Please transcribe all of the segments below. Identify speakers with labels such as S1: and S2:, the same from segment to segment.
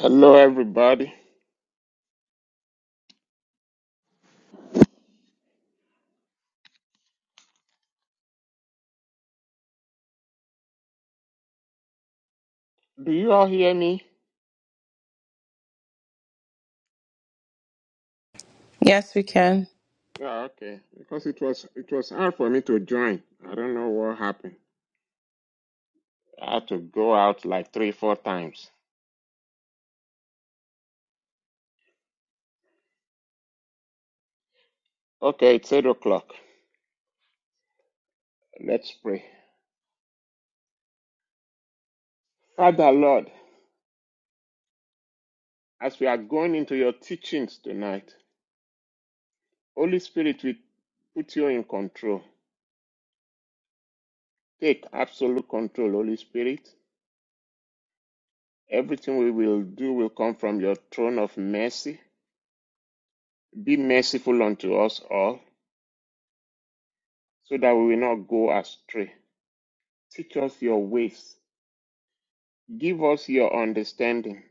S1: Hello, everybody. Do you all hear me?
S2: Yes, we can.
S1: Yeah, okay. Because it was it was hard for me to join. I don't know what happened. I had to go out like three, four times. Okay, it's eight o'clock. Let's pray. Father Lord, as we are going into your teachings tonight, Holy Spirit, we put you in control. Take absolute control, Holy Spirit. Everything we will do will come from your throne of mercy. Be merciful unto us all, so that we will not go astray. Teach us your ways. Give us your understanding.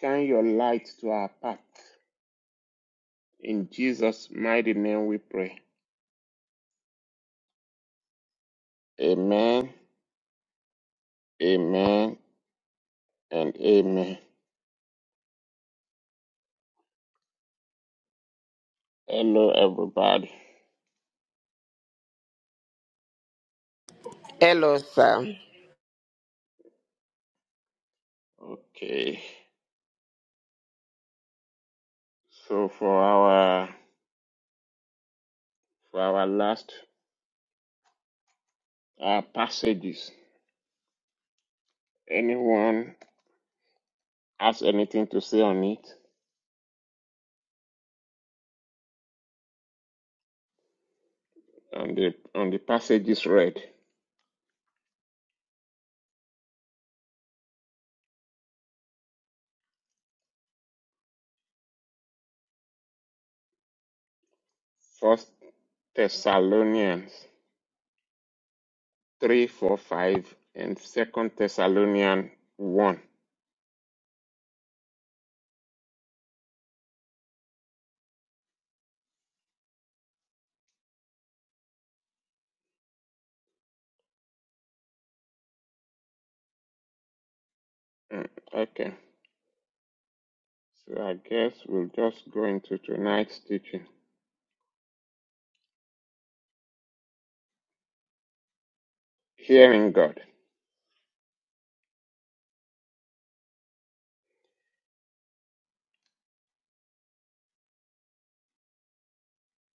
S1: Shine your light to our path. In Jesus' mighty name we pray. Amen, amen, and amen. Hello, everybody.
S3: Hello, sir.
S1: Okay, so for our for our last uh, passages, anyone has anything to say on it on the on the passages read? First Thessalonians three, four, five, and Second Thessalonians one. Mm, Okay, so I guess we'll just go into tonight's teaching. Hearing God.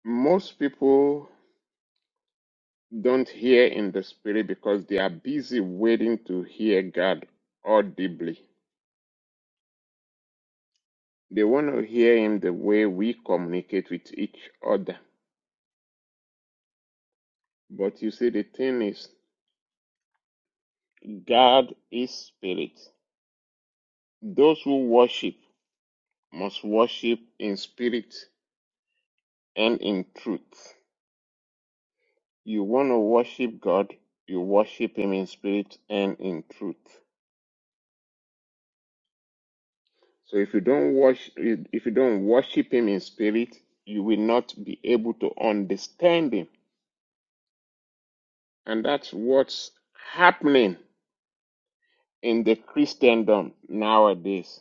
S1: Most people don't hear in the spirit because they are busy waiting to hear God audibly. They want to hear Him the way we communicate with each other. But you see, the thing is, God is spirit. Those who worship must worship in spirit and in truth. You want to worship God, you worship Him in spirit and in truth. So if you don't worship, if you don't worship Him in spirit, you will not be able to understand Him, and that's what's happening in the Christendom nowadays.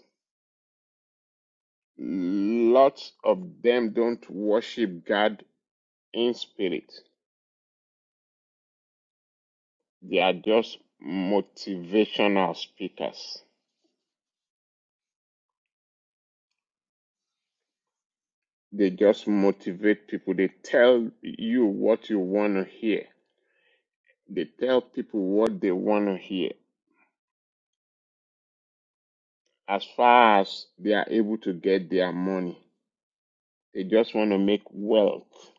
S1: Lots of them don't worship God in spirit. They are just motivational speakers. They just motivate people. They tell you what you want to hear. They tell people what they want to hear as far as they are able to get their money. They just want to make wealth.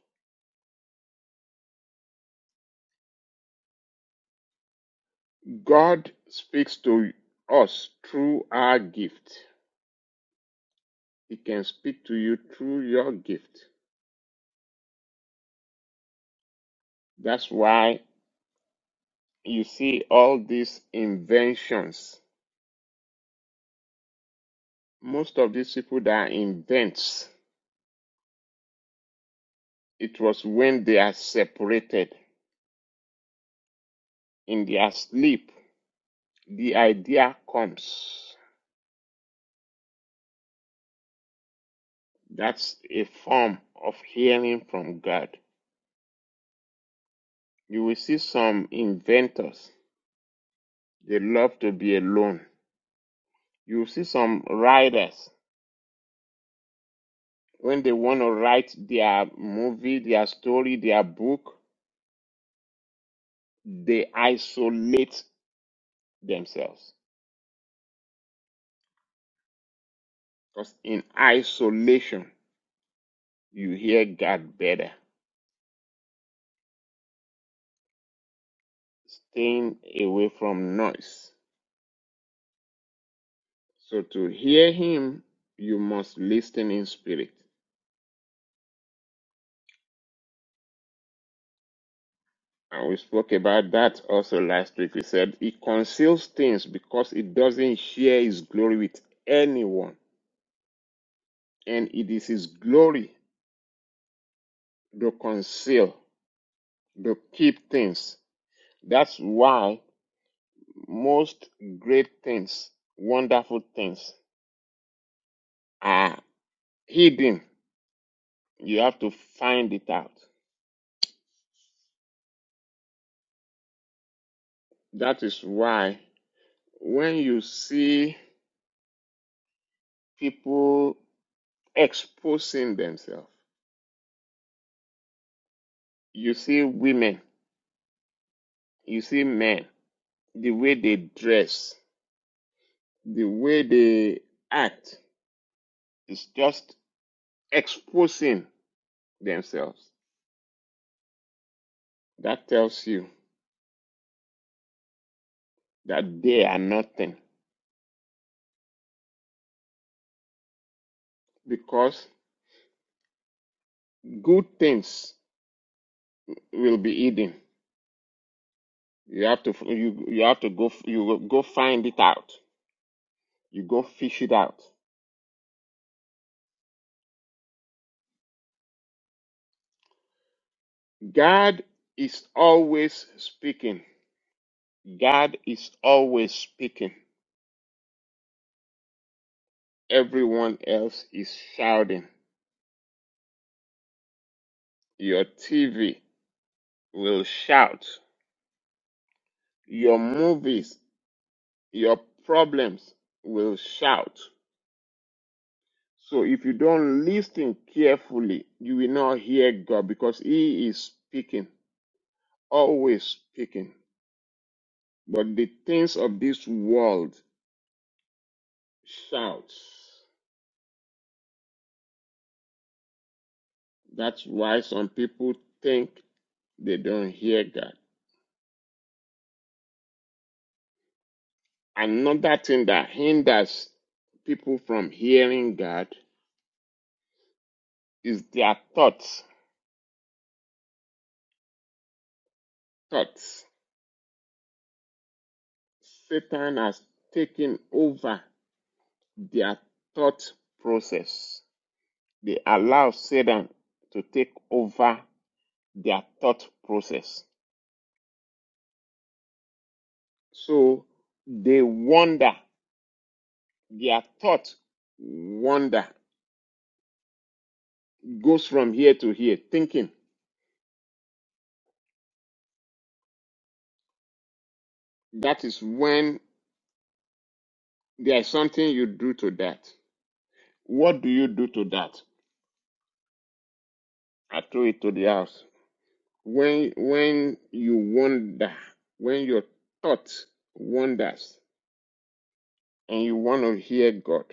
S1: God speaks to us through our gift. He can speak to you through your gift. That's why you see all these inventions. Most of these people that invents, it was when they are separated. in their sleep, the idea comes. That's a form of hearing from God. You will see some inventors, they love to be alone. You will see some writers, when they want to write their movie, their story, their book, they isolate themselves. Because in isolation, you hear God better, staying away from noise. So to hear him, you must listen in spirit. And we spoke about that also last week. We said he conceals things because he doesn't share his glory with anyone. And it is his glory to conceal, to keep things. That's why most great things, wonderful things are hidden. You have to find it out. That is why when you see people exposing themselves. You see women, you see men, the way they dress, the way they act is just exposing themselves. That tells you that they are nothing because good things will be hidden. You have to you you have to go you will go find it out. You go fish it out. God is always speaking. God is always speaking. Everyone else is shouting. Your TV will shout. Your movies, your problems will shout. So if you don't listen carefully, you will not hear God because He is speaking, always speaking. But the things of this world shouts. That's why some people think they don't hear God. Another thing that hinders people from hearing God is their thoughts. Thoughts. Satan has taken over their thought process. They allow Satan to take over their thought process. So they wander. Their thought wander goes from here to here, thinking. That is when there is something you do to that. What do you do to that? I throw it to the house. when when you wonder, when your thought wanders and you want to hear God,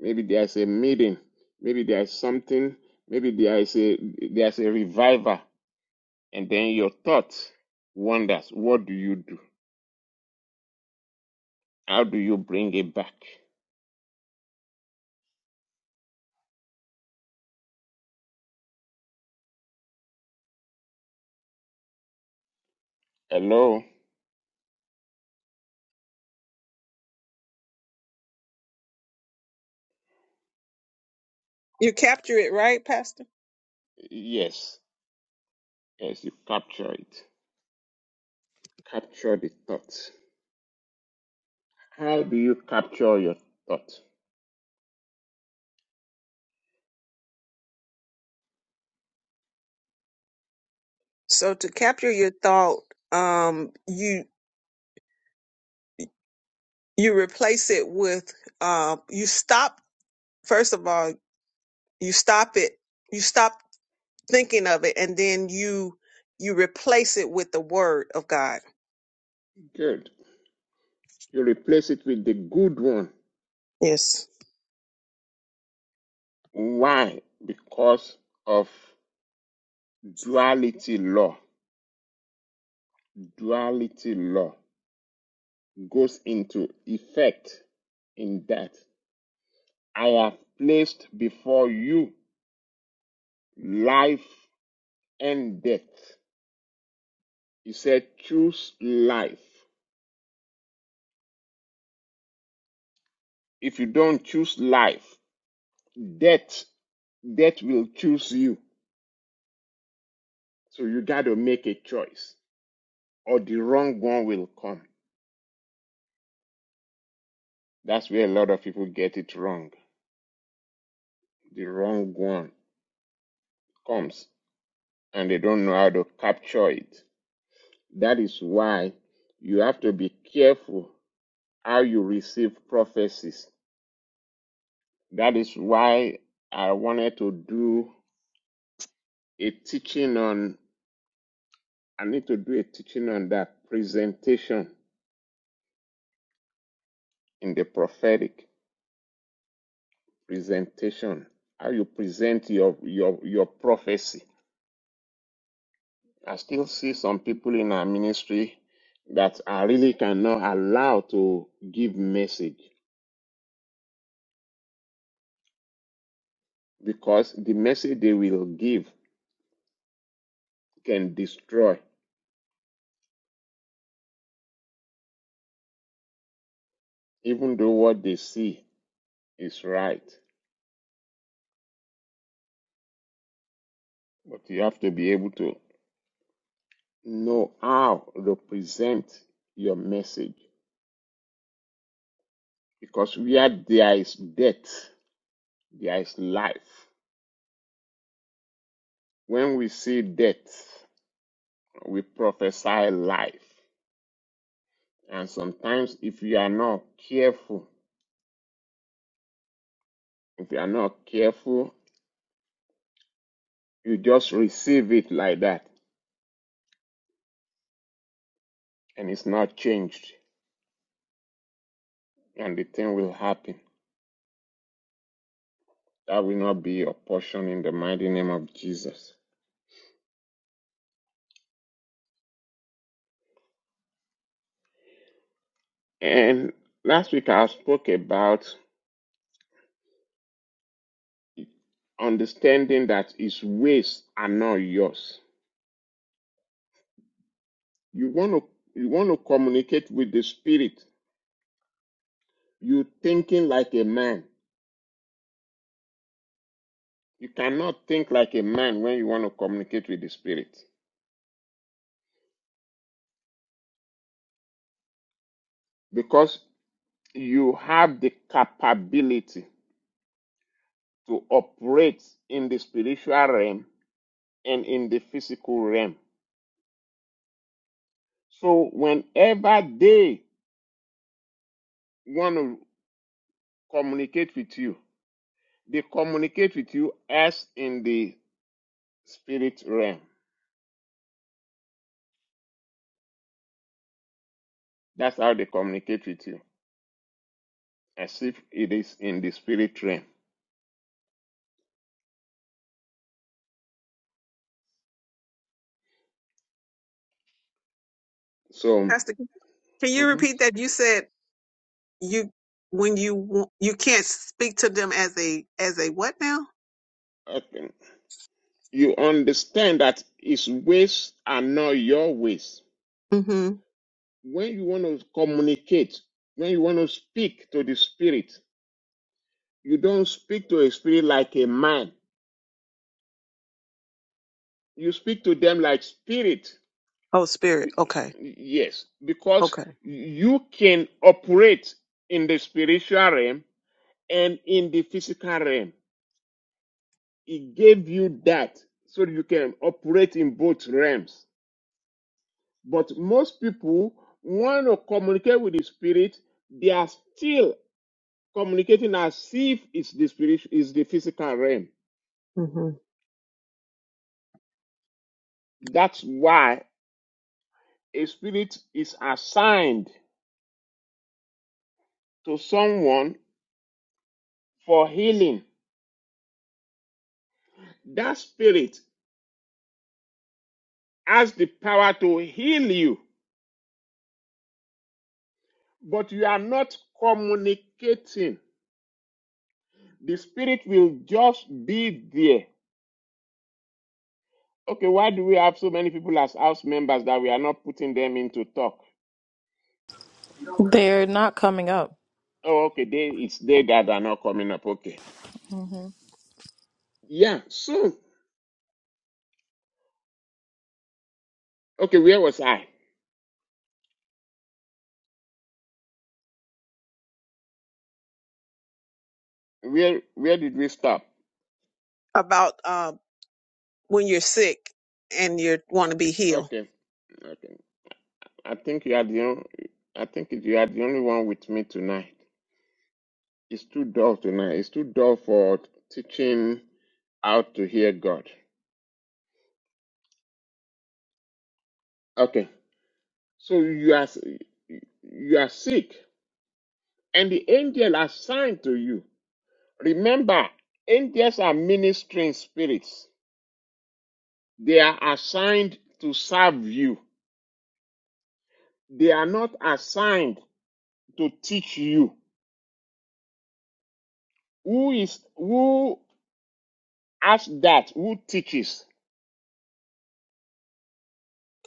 S1: maybe there's a meeting, maybe there's something, maybe there is a there's a reviver, and then your thought wanders. What do you do? How do you bring it back? Hello?
S4: You capture it right, Pastor.
S1: Yes, yes, you capture it. Capture the thought. How do you capture your thought?
S4: So to capture your thought, um, you you replace it with uh, you stop. First of all, you stop it. You stop thinking of it, and then you you replace it with the Word of God.
S1: Good. You replace it with the good one
S4: Yes,
S1: Why? Because of duality law. Duality law goes into effect in that I have placed before you life and death. He said, choose life. If you don't choose life, death, death will choose you. So you got to make a choice or the wrong one will come. That's where a lot of people get it wrong. The wrong one comes and they don't know how to capture it. That is why you have to be careful how you receive prophecies. That is why I wanted to do a teaching on, I need to do a teaching on that presentation in the prophetic presentation, how you present your, your, your prophecy. I still see some people in our ministry that I really cannot allow to give message. because the message they will give can destroy, even though what they see is right. But you have to be able to know how to present your message because where there is death, there is life. When we see death, we prophesy life. And sometimes, if you are not careful, if you are not careful, you just receive it like that and it's not changed, and the thing will happen. That will not be your portion in the mighty name of Jesus. And last week I spoke about understanding that his ways are not yours. You want to you want to communicate with the spirit. You thinking like a man. You cannot think like a man when you want to communicate with the spirit because you have the capability to operate in the spiritual realm and in the physical realm. So whenever they want to communicate with you, they communicate with you as in the spirit realm. That's how they communicate with you, as if it is in the spirit realm. So,
S4: Pastor. Can you
S1: mhm.
S4: repeat that? You said you when you w- you can't speak to them as a as a what now?
S1: I you understand that his ways are not your ways.
S4: Mm-hmm.
S1: When you want to communicate, when you want to speak to the spirit, you don't speak to a spirit like a man. You speak to them like spirit.
S4: Oh, spirit.
S1: Be-
S4: Okay.
S1: Yes, because
S4: Okay.
S1: you can operate in the spiritual realm and in the physical realm. It gave you that so you can operate in both realms. But most people want to communicate with the spirit, they are still communicating as if it's the spirit is the physical realm.
S4: Mm-hmm.
S1: That's why a spirit is assigned to someone for healing. That spirit has the power to heal you, but you are not communicating. The spirit will just be there. Okay, why do we have so many people as house members that we are not putting them in to talk?
S2: They're not coming up.
S1: Oh, okay, they, it's they that are not coming up. Okay.
S2: hmm
S1: Yeah, so, okay, where was I? Where where did we stop?
S4: About um when you're sick and you want to be healed.
S1: Okay, okay. I think you are the only, I think you are the only one with me tonight. It's too dull tonight. It's too dull for teaching how to hear God. Okay. So you are you are sick, and the angel assigned to you. Remember, angels are ministering spirits. They are assigned to serve you. They are not assigned to teach you. Who is who asks that? Who teaches?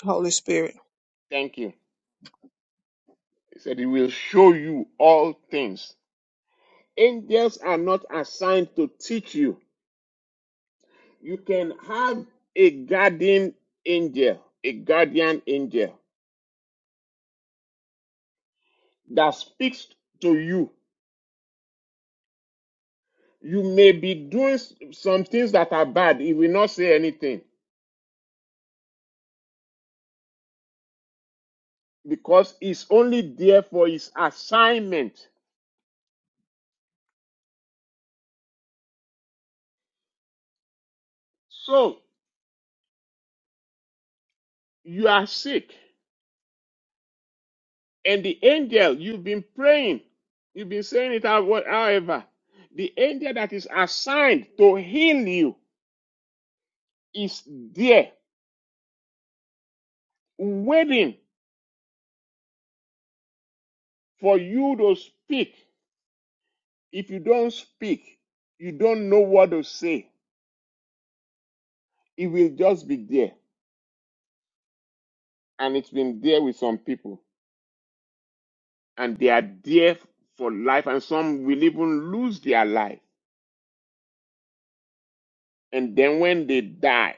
S4: Holy Spirit,
S1: Thank you. He said he will show you all things. Angels are not assigned to teach you You can have a guardian angel, a guardian angel that speaks to you. You may be doing some things that are bad. He will not say anything because it's only there for his assignment. So you are sick, and the angel you've been praying, you've been saying it out, however, the angel that is assigned to heal you is there waiting for you to speak If you don't speak, you don't know what to say. It will just be there. And it's been there with some people. And they are there for life. And some will even lose their life. And then when they die,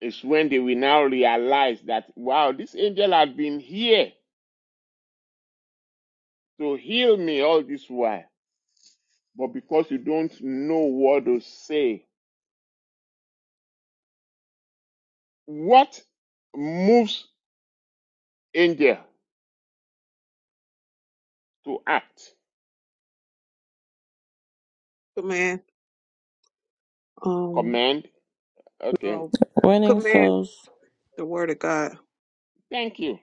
S1: it's when they will now realize that, wow, this angel had been here to heal me all this while. But because you don't know what to say, what moves angel to act?
S4: command, um,
S1: Command? Okay.
S4: no,
S2: Winning
S4: command
S2: souls.
S4: the word of God.
S1: Thank you.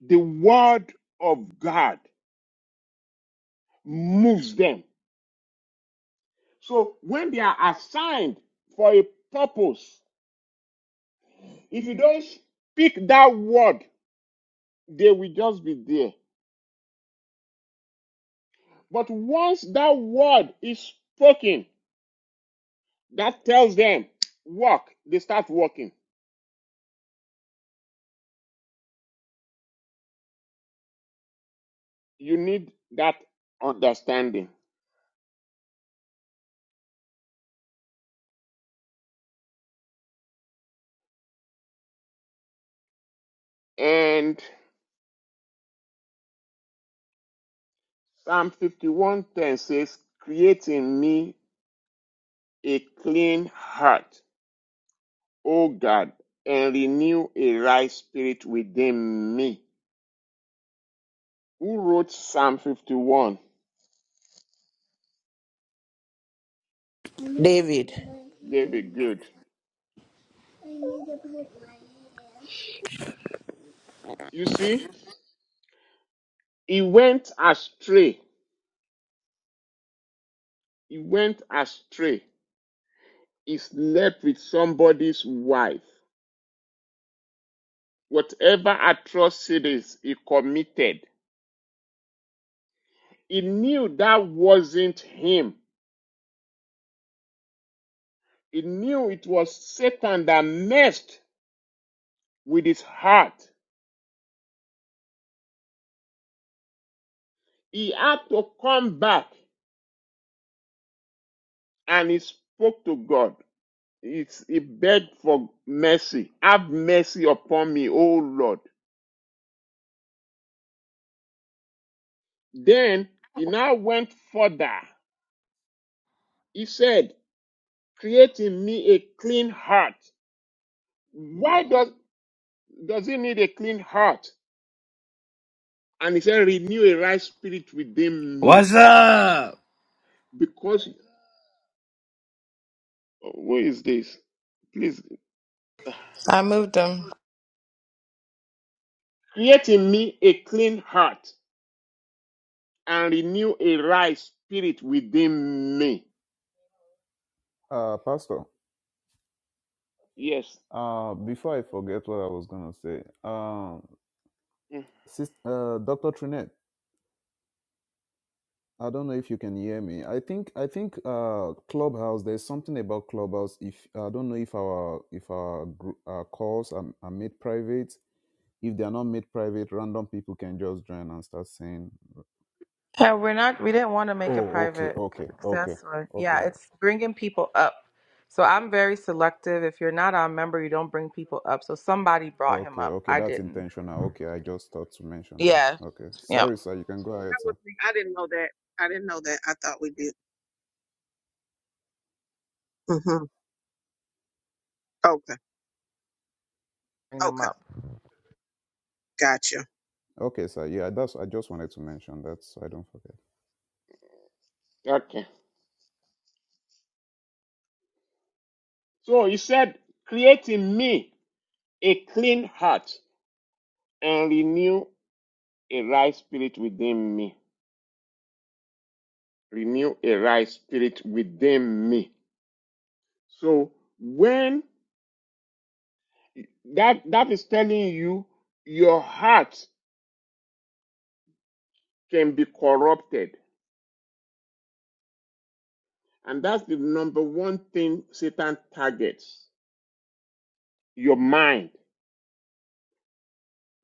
S1: the word of God moves them. So when they are assigned for a purpose, if you don't speak that word, they will just be there. But once that word is spoken, that tells them, walk, they start walking. You need that understanding. And Psalm 51:10 says, Create in me a clean heart O God, and renew a right spirit within me. Who wrote Psalm 51?
S3: David,
S1: David Good. You see, he went astray. He went astray. He slept with somebody's wife. Whatever atrocities he committed, he knew that wasn't him. He knew it was Satan that messed with his heart. He had to come back and he spoke to God. It's, he begged for mercy. Have mercy upon me, O Lord. Then he now went further. He said, Create in me a clean heart. Why does, does he need a clean heart? And he said, Renew a right spirit within me.
S5: What's up?
S1: Because, oh, who is this? Please,
S2: I moved them.
S1: create in me a clean heart and renew a right spirit within me.
S6: Uh, Pastor,
S1: Yes.
S6: uh, before I forget what I was gonna say, um,
S1: Mm.
S6: sis- uh, Doctor Trinette, I don't know if you can hear me. I think I think uh, Clubhouse. There's something about Clubhouse. If I don't know if our if our, group, our calls are, are made private. If they are not made private, random people can just join and start saying,
S2: Yeah, we're not. We didn't want to make it
S6: "Oh, okay,
S2: private.
S6: okay,
S2: 'cause
S6: okay,
S2: That's why.
S6: okay,
S2: Yeah, it's bringing people up. So I'm very selective. If you're not a member, you don't bring people up. So somebody brought him
S6: okay,
S2: up.
S6: okay."
S2: I
S6: That's
S2: didn't.
S6: intentional. Okay, I just thought to mention that.
S2: Yeah.
S6: Okay,
S2: Yep.
S6: sorry, sir. You can go
S4: That
S6: ahead,
S4: was
S6: sir.
S4: me. I didn't know that. I didn't know that. I thought we did. Mm-hmm. Okay.
S2: Bring them
S4: Okay.
S2: up.
S4: Gotcha.
S6: Okay, sir. Yeah, that's. I just wanted to mention that so I don't forget.
S1: Okay. So he said, Create in me a clean heart and renew a right spirit within me. Renew a right spirit within me. So when that that is telling you your heart can be corrupted. And that's the number one thing Satan targets your mind.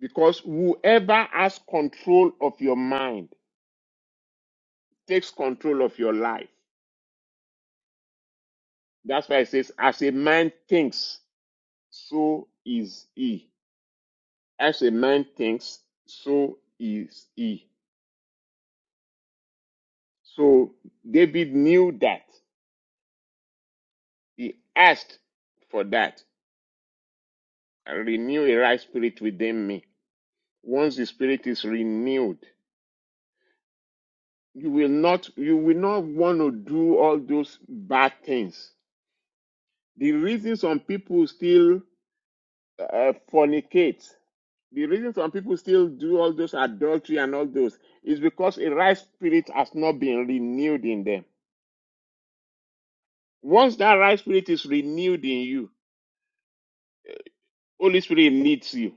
S1: Because whoever has control of your mind takes control of your life. That's why it says, as a man thinks, so is he. As a man thinks, so is he. So David knew that. He asked for that. Renew a right spirit within me. Once the spirit is renewed, you will not you will not want to do all those bad things. The reason some people still uh, fornicate, the reason some people still do all those adultery and all those is because a right spirit has not been renewed in them. Once that right spirit is renewed in you, Holy Spirit needs you.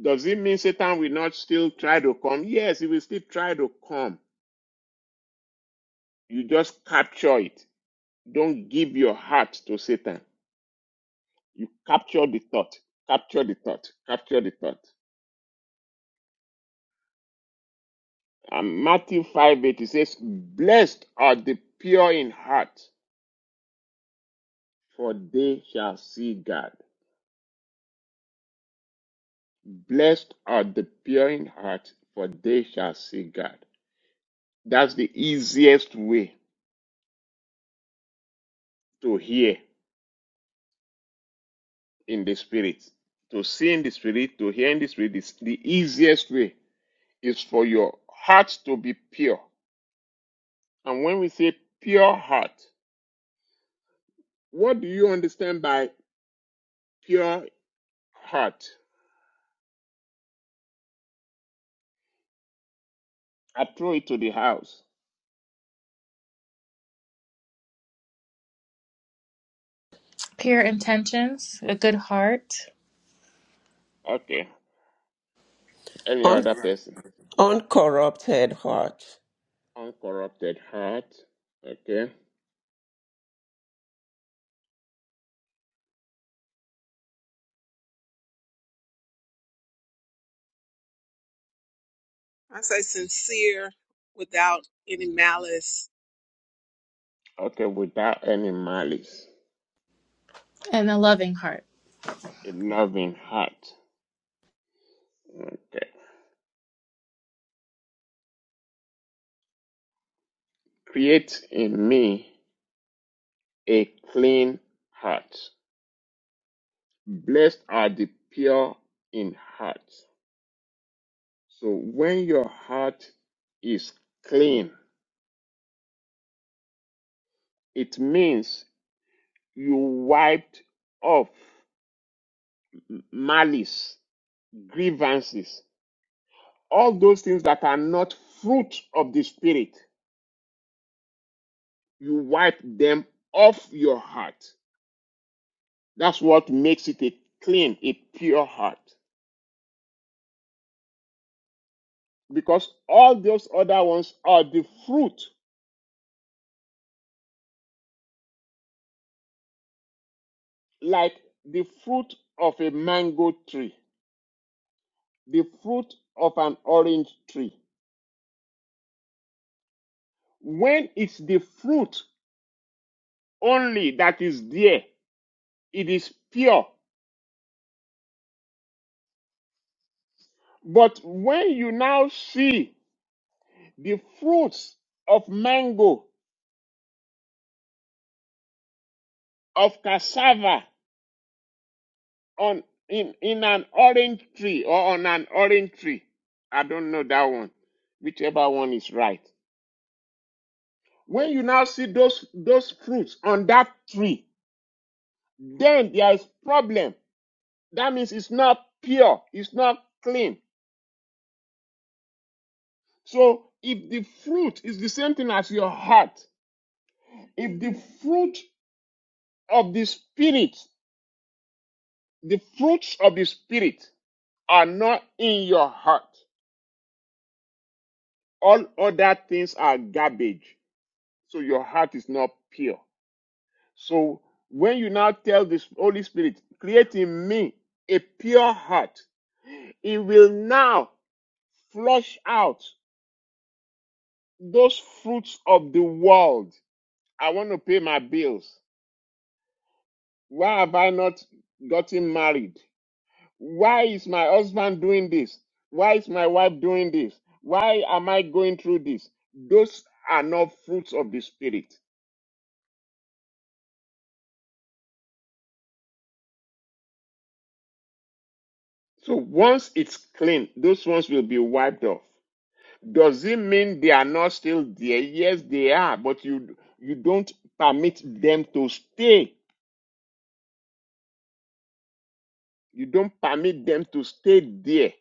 S1: Does it mean Satan will not still try to come? Yes, he will still try to come. You just capture it. Don't give your heart to Satan. You capture the thought. Capture the thought. Capture the thought. And Matthew 5 8 it says, Blessed are the pure in heart, for they shall see God. Blessed are the pure in heart, for they shall see God. That's the easiest way. to hear in the spirit. To see in the spirit, to hear in the spirit is the easiest way is for your heart to be pure. And when we say pure heart, what do you understand by pure heart? I throw it to the house.
S7: pure intentions, a good heart,
S1: Okay. Any
S3: un-
S1: other person?
S3: uncorrupted heart.
S1: Uncorrupted heart. Okay.
S4: I say sincere without any malice.
S1: Okay, without any malice.
S7: and a loving heart.
S1: A loving heart. Okay. Create in me a clean heart Blessed are the pure in heart. So when your heart is clean, it means you wiped off malice, grievances, all those things that are not fruit of the spirit. You wipe them off your heart. That's what makes it a clean, a pure heart. Because all those other ones are the fruit, like the fruit of a mango tree the fruit of an orange tree. When it's the fruit only that is there, it is pure. But when you now see the fruits of mango, of cassava on in, in an orange tree or on an orange tree, I don't know that one, whichever one is right. When you now see those those fruits on that tree, then there is problem. That means it's not pure, it's not clean So if the fruit is the same thing as your heart, if the fruit of the spirit, the fruits of the spirit are not in your heart, all other things are garbage. So your heart is not pure. So when you now tell the Holy Spirit, create in me a pure heart, it will now flush out those fruits of the world. I want to pay my bills. Why have I not gotten married? why is my husband doing this? Why is my wife doing this? Why am I going through this? Those are not fruits of the spirit. So once it's clean, those ones will be wiped off. Does it mean they are not still there? Yes, they are, but you you don't permit them to stay. You don't permit them to stay there.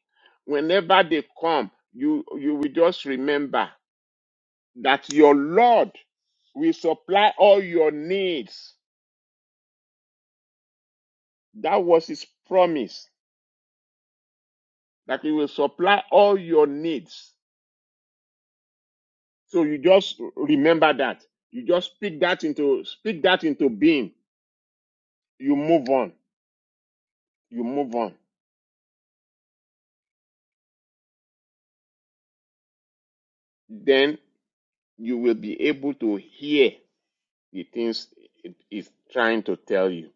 S1: Whenever they come, you you will just remember that your Lord will supply all your needs That was his promise that he will supply all your needs. So you just remember that. You just speak that into speak that into being. You move on. You move on. Then you will be able to hear the things it is trying to tell you.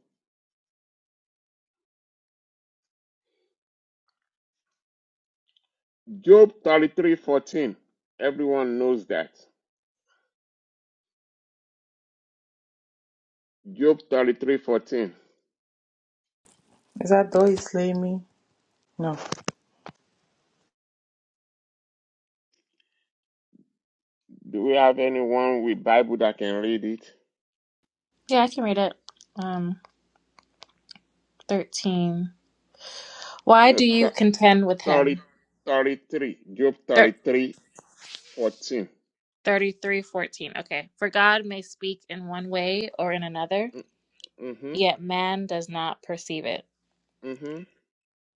S1: Job 33:14. Everyone knows that. Job 33:14.
S2: Is that though he slay me? No.
S1: Do we have anyone with Bible that can read it?
S7: Yeah, I can read it. Um, 13. Why
S1: No,
S7: do you
S1: th-
S7: contend with him?
S1: 33. Job 33. 14.
S7: 33, 14. Okay. For God may speak in one way or in another,
S1: Mm, Mm-hmm.
S7: yet man does not perceive it.
S1: Mm-hmm.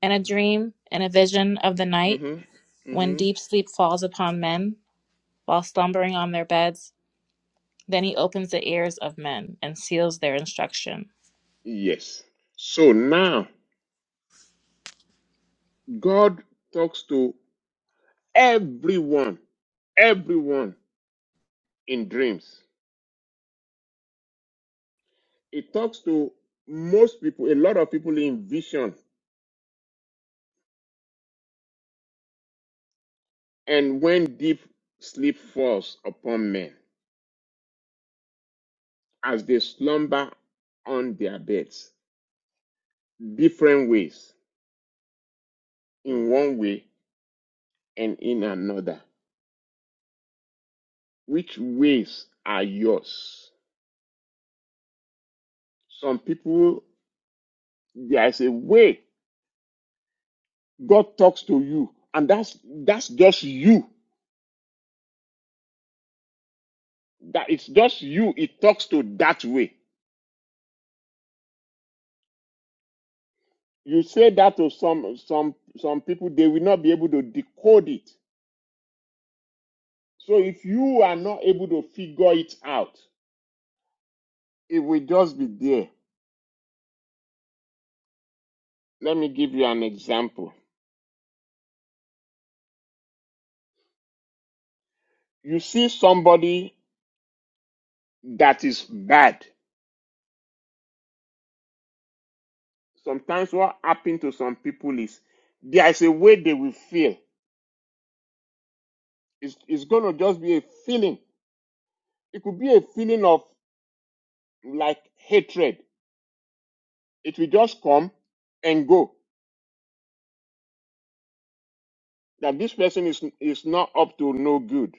S7: In a dream, in a vision of the night,
S1: Mm-hmm.
S7: when
S1: Mm-hmm.
S7: deep sleep falls upon men while slumbering on their beds, then he opens the ears of men and seals their instruction.
S1: Yes. So now God talks to everyone, everyone in dreams. He talks to most people, a lot of people in vision, and when deep sleep falls upon men as they slumber on their beds, different ways, in one way and in another. Which ways are yours? Some people There is a way God talks to you, and that's that's just you. That it's just you. It talks to that way. You say that to some some some people, they will not be able to decode it. So if you are not able to figure it out, it will just be there. Let me give you an example. You see somebody that is bad. Sometimes what happens to some people is there is a way they will feel. It's, it's going to just be a feeling. It could be a feeling of like hatred. It will just come and go. That this person is is not up to no good.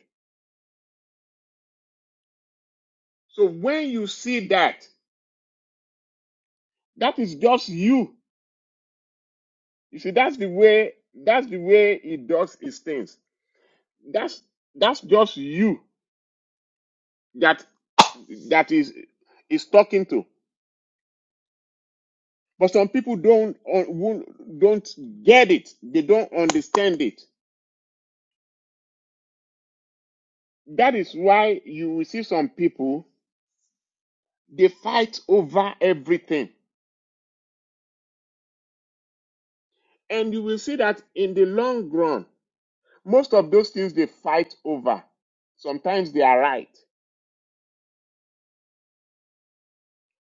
S1: So when you see that, that is just you. You see, that's the way that's the way he does his things. That's that's just you that that is is talking to. But some people don't uh, won't- don't get it. They don't understand it. That is why you will see some people. They fight over everything. And you will see that in the long run, most of those things they fight over, sometimes they are right,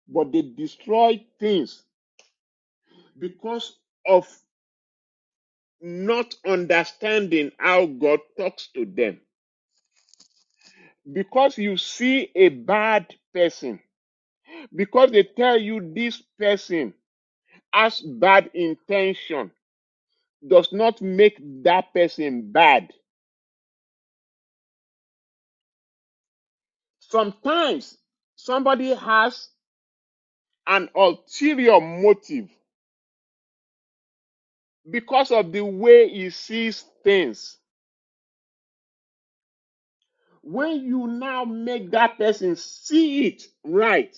S1: but they destroy things because of not understanding how God talks to them. Because you see a bad person, because they tell you this person has bad intention, does not make that person bad. Sometimes somebody has an ulterior motive because of the way he sees things. When you now make that person see it right,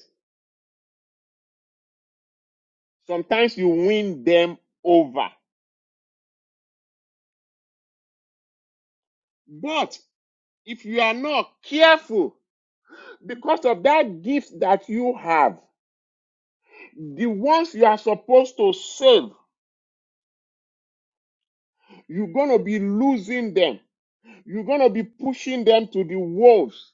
S1: sometimes you win them over. But if you are not careful, because of that gift that you have, the ones you are supposed to save, you're going to be losing them. You're going to be pushing them to the wolves.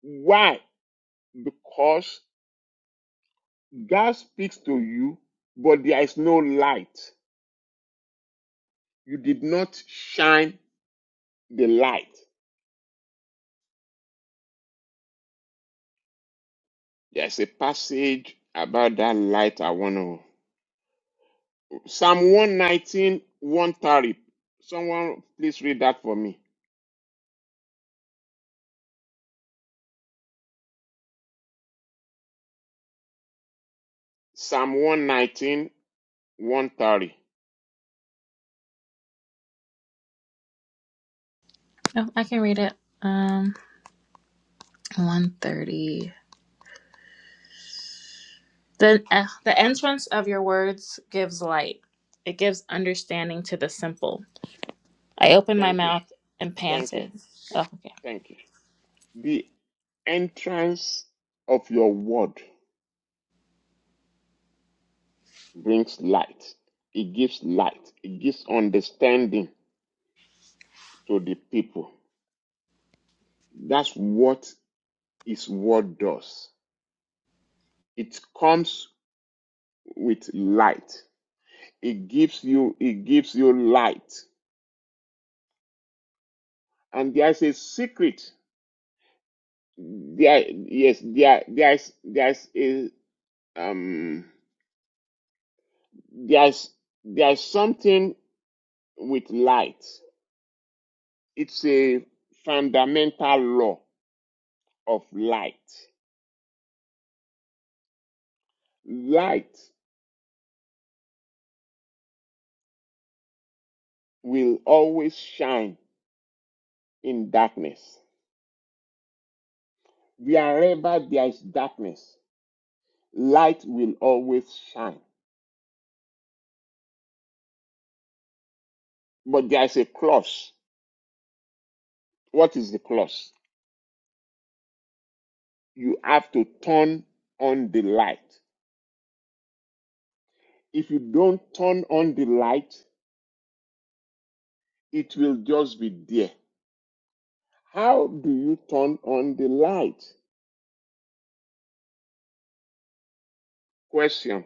S1: Why? Because God speaks to you, but there is no light. You did not shine the light. There's a passage about that light I want to. Psalm one nineteen one thirty. Someone please read that for me. Psalm one nineteen one thirty.
S7: Oh, I can read it. Um, 130. The, uh, the entrance of your words gives light, it gives understanding to the simple. I opened my
S1: Thank you.
S7: mouth and
S1: Thank you.
S7: panted. Oh, okay.
S1: Thank you. The entrance of your word brings light. It gives light. It gives understanding to the people. That's what His Word does. It comes with light. It gives you, it gives you light. And there is a secret. There, yes, there, there is, there is a, um, there is, there is something with light. It's a fundamental law of light. Light will always shine in darkness. Wherever there is darkness, light will always shine. But there is a clause. What is the clause? You have to turn on the light. If you don't turn on the light, it will just be there. How do you turn on the light? Question.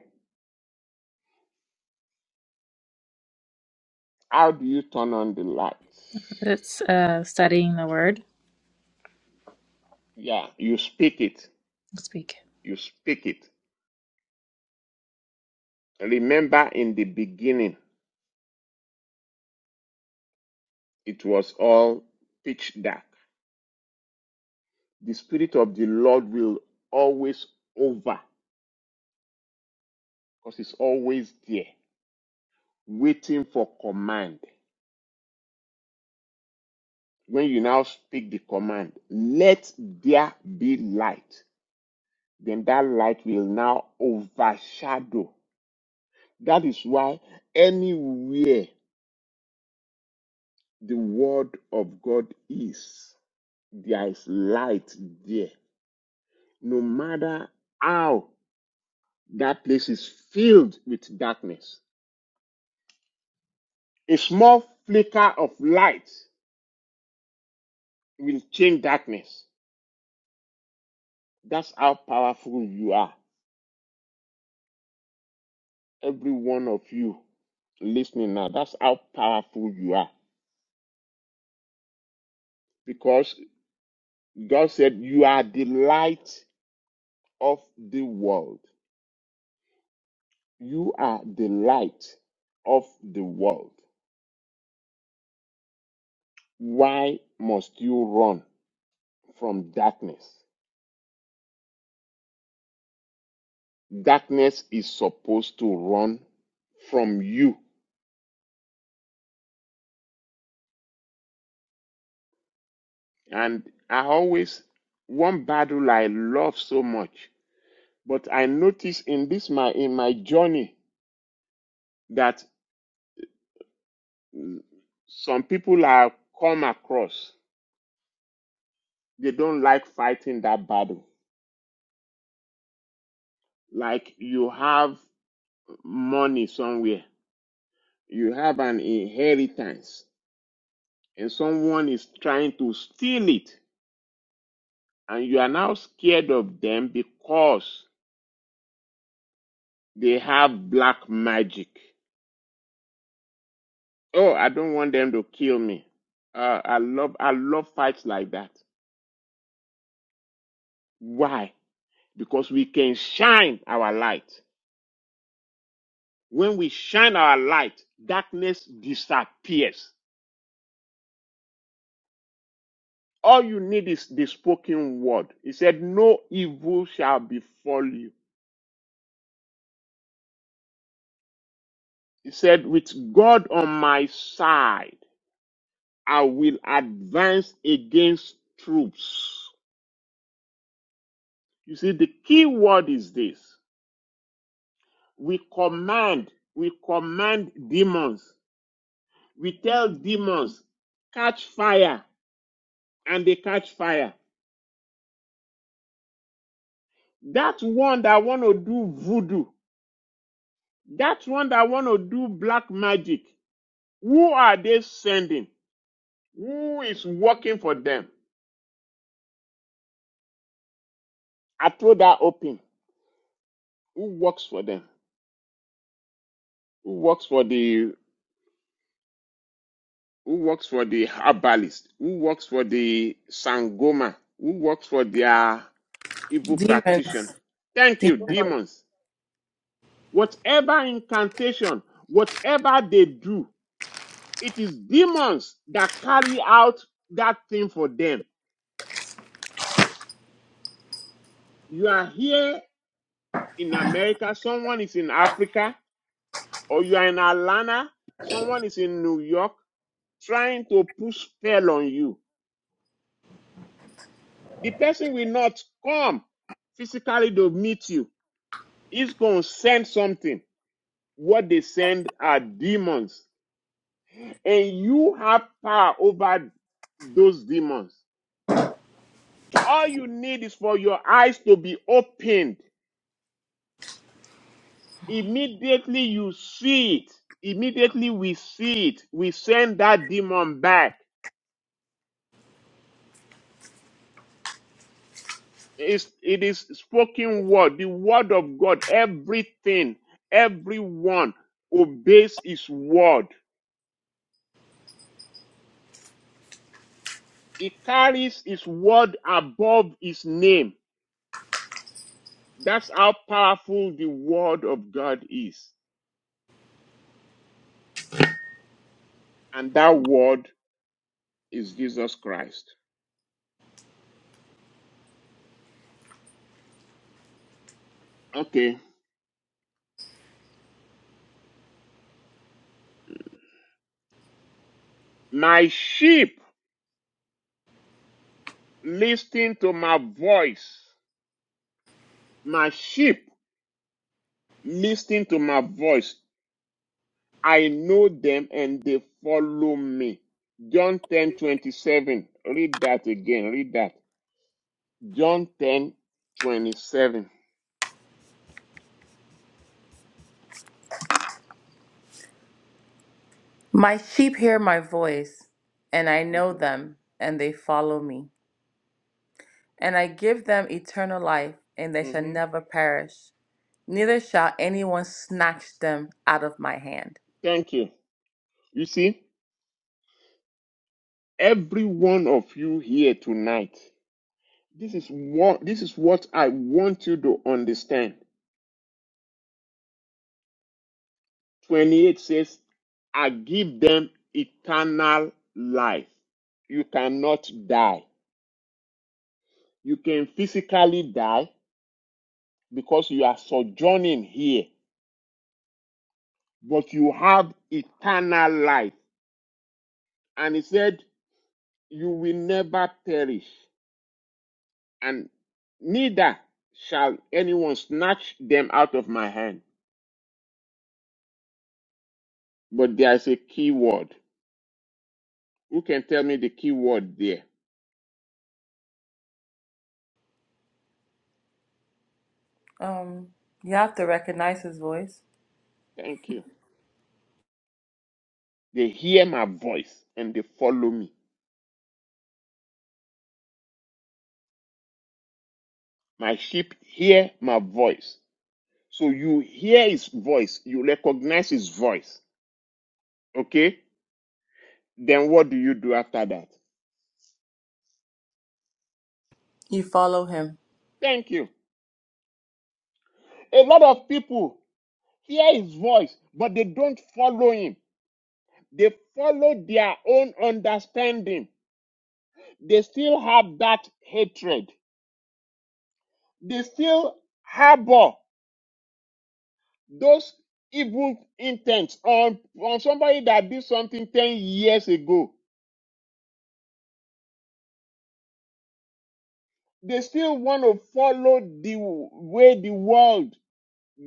S1: How do you turn on the light?
S7: It's uh, studying the word.
S1: Yeah, you speak it.
S7: Speak.
S1: You speak it. Remember in the beginning, it was all pitch dark. The Spirit of the Lord will always over because it's always there, waiting for command. When you now speak the command, let there be light, then that light will now overshadow. That is why anywhere the word of God is, there is light there. No matter how that place is filled with darkness, a small flicker of light will change darkness. That's how powerful you are every one of you listening now. That's how powerful you are. Because God said, You are the light of the world. You are the light of the world. Why must you run from darkness? Darkness is supposed to run from you. And I always, one battle I love so much, but I notice in this, my, in my journey, that some people are come across they don't like fighting that battle like you have money somewhere you have an inheritance and someone is trying to steal it and you are now scared of them because they have black magic oh i don't want them to kill me uh, i love i love fights like that why because we can shine our light When we shine our light, darkness disappears. All you need is the spoken word. He said, No evil shall befall you. He said, With God on my side, I will advance against troops. You see, the key word is this. We command, we command demons. We tell demons, catch fire, and they catch fire. That one that want to do voodoo That one that want to do black magic, who are they sending? Who is working for them? I throw that open. Who works for them? Who works for the who works for the herbalist? Who works for the sangoma? Who works for their evil
S2: Demons.
S1: practitioner? Thank you, demons. Whatever incantation, whatever they do, it is demons that carry out that thing for them. You are here in America, someone is in Africa, or you are in Atlanta, someone is in New York trying to push spell on you. The person will not come physically to meet you. He's going to send something. What they send are demons. And you have power over those demons. All you need is for your eyes to be opened. Immediately you see it. Immediately we see it. We send that demon back is it is spoken word the word of god everything everyone obeys his word he carries his word above his name that's how powerful the word of god is and that word is jesus christ okay my sheep listen to my voice my sheep listen to my voice I know them and they follow me. John 10 27. Read that again. Read that. John ten twenty seven.
S2: My sheep hear my voice, and I know
S1: 27.
S2: them, and they follow me. And I give them eternal life, and they
S1: hmm
S2: shall
S1: hmm
S2: never perish. Neither shall anyone snatch them out of my hand.
S1: Thank you. You see, every one of you here tonight, this is what this is what I want you to understand. 28 says, I give them eternal life. You cannot die. You can physically die because you are sojourning here but you have eternal life. And he said, You will never perish, and neither shall anyone snatch them out of my hand. But there is a key word. Who can tell me the key word there?
S2: Um, you have to recognize his voice.
S1: Thank you. They hear my voice and they follow me. My sheep hear my voice. So you hear his voice, you recognize his voice. Okay? Then what do you do after that?
S2: You follow him.
S1: Thank you. A lot of people hear his voice, but they don't follow him. They follow their own understanding. They still have that hatred. They still harbor those evil intents on, on somebody that did something 10 years ago. They still want to follow the way the world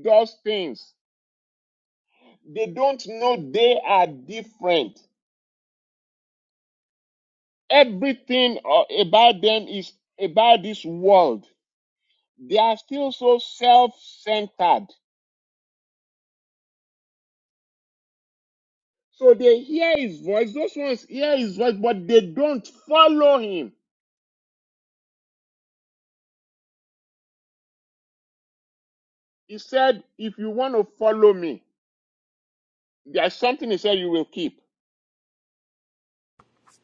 S1: does things. They don't know they are different. Everything uh, about them is about this world they are still so self-centered. So they hear his voice, those ones hear his voice, but they don't follow him. He said, if you want to follow me, there's something he said you will keep.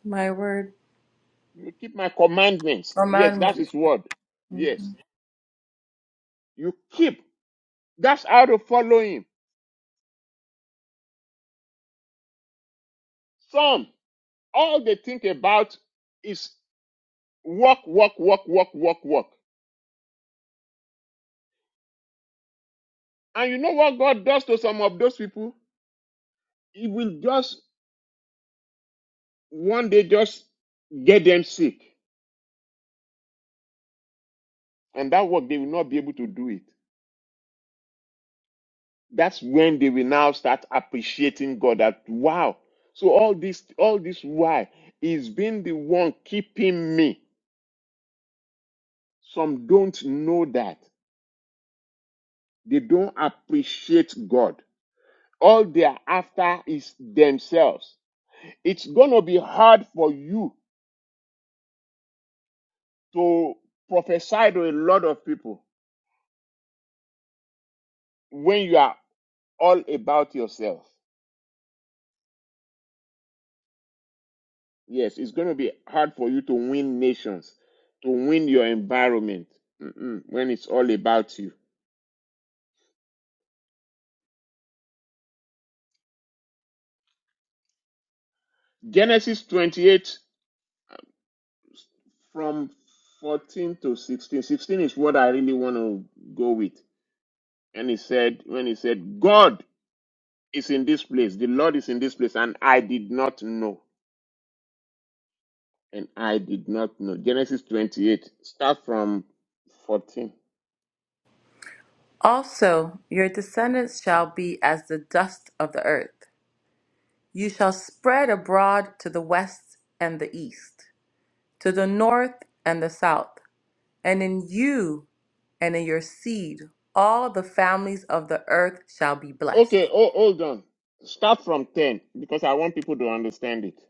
S2: My word.
S1: You will keep my commandments. Yes, that's
S2: Commandment.
S1: his word. Yes.
S2: Mhm.
S1: You keep. That's how to follow him. Some, all they think about is walk, walk, walk, walk, walk, walk. And you know what God does to some of those people? He will just one day just get them sick and that work they will not be able to do it that's when they will now start appreciating god that wow so all this all this why is being the one keeping me some don't know that they don't appreciate god all they're after is themselves it's gonna be hard for you to prophesy to a lot of people when you are all about yourself Yes, it's going to be hard for you to win nations, to win your environment mm-mm, when it's all about you. Genesis 28 from 14 to 16. 16 is what I really want to go with. And he said, when he said, God is in this place, the Lord is in this place, and I did not know. And I did not know. Genesis 28, start from 14.
S2: Also, your descendants shall be as the dust of the earth. You shall spread abroad to the west and the east, to the north and the south. And in you and in your seed, all the families of the earth shall be blessed.
S1: Okay, oh, hold on. Start from 10 because I want people to understand it.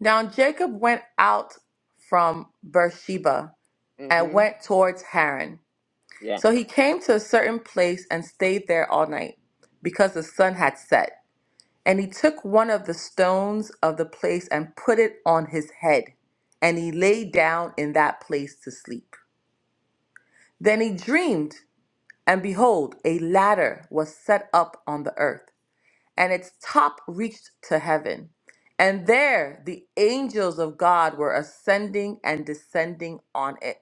S2: Now Jacob went out from Beersheba and
S1: hmm
S2: went towards Haran.
S1: yeah.
S2: So he came to a certain place and stayed there all night because the sun had set. And he took one of the stones of the place and put it on his head. And he lay down in that place to sleep. Then he dreamed, and behold, a ladder was set up on the earth and its top reached to heaven. And there the angels of God were ascending and descending on it.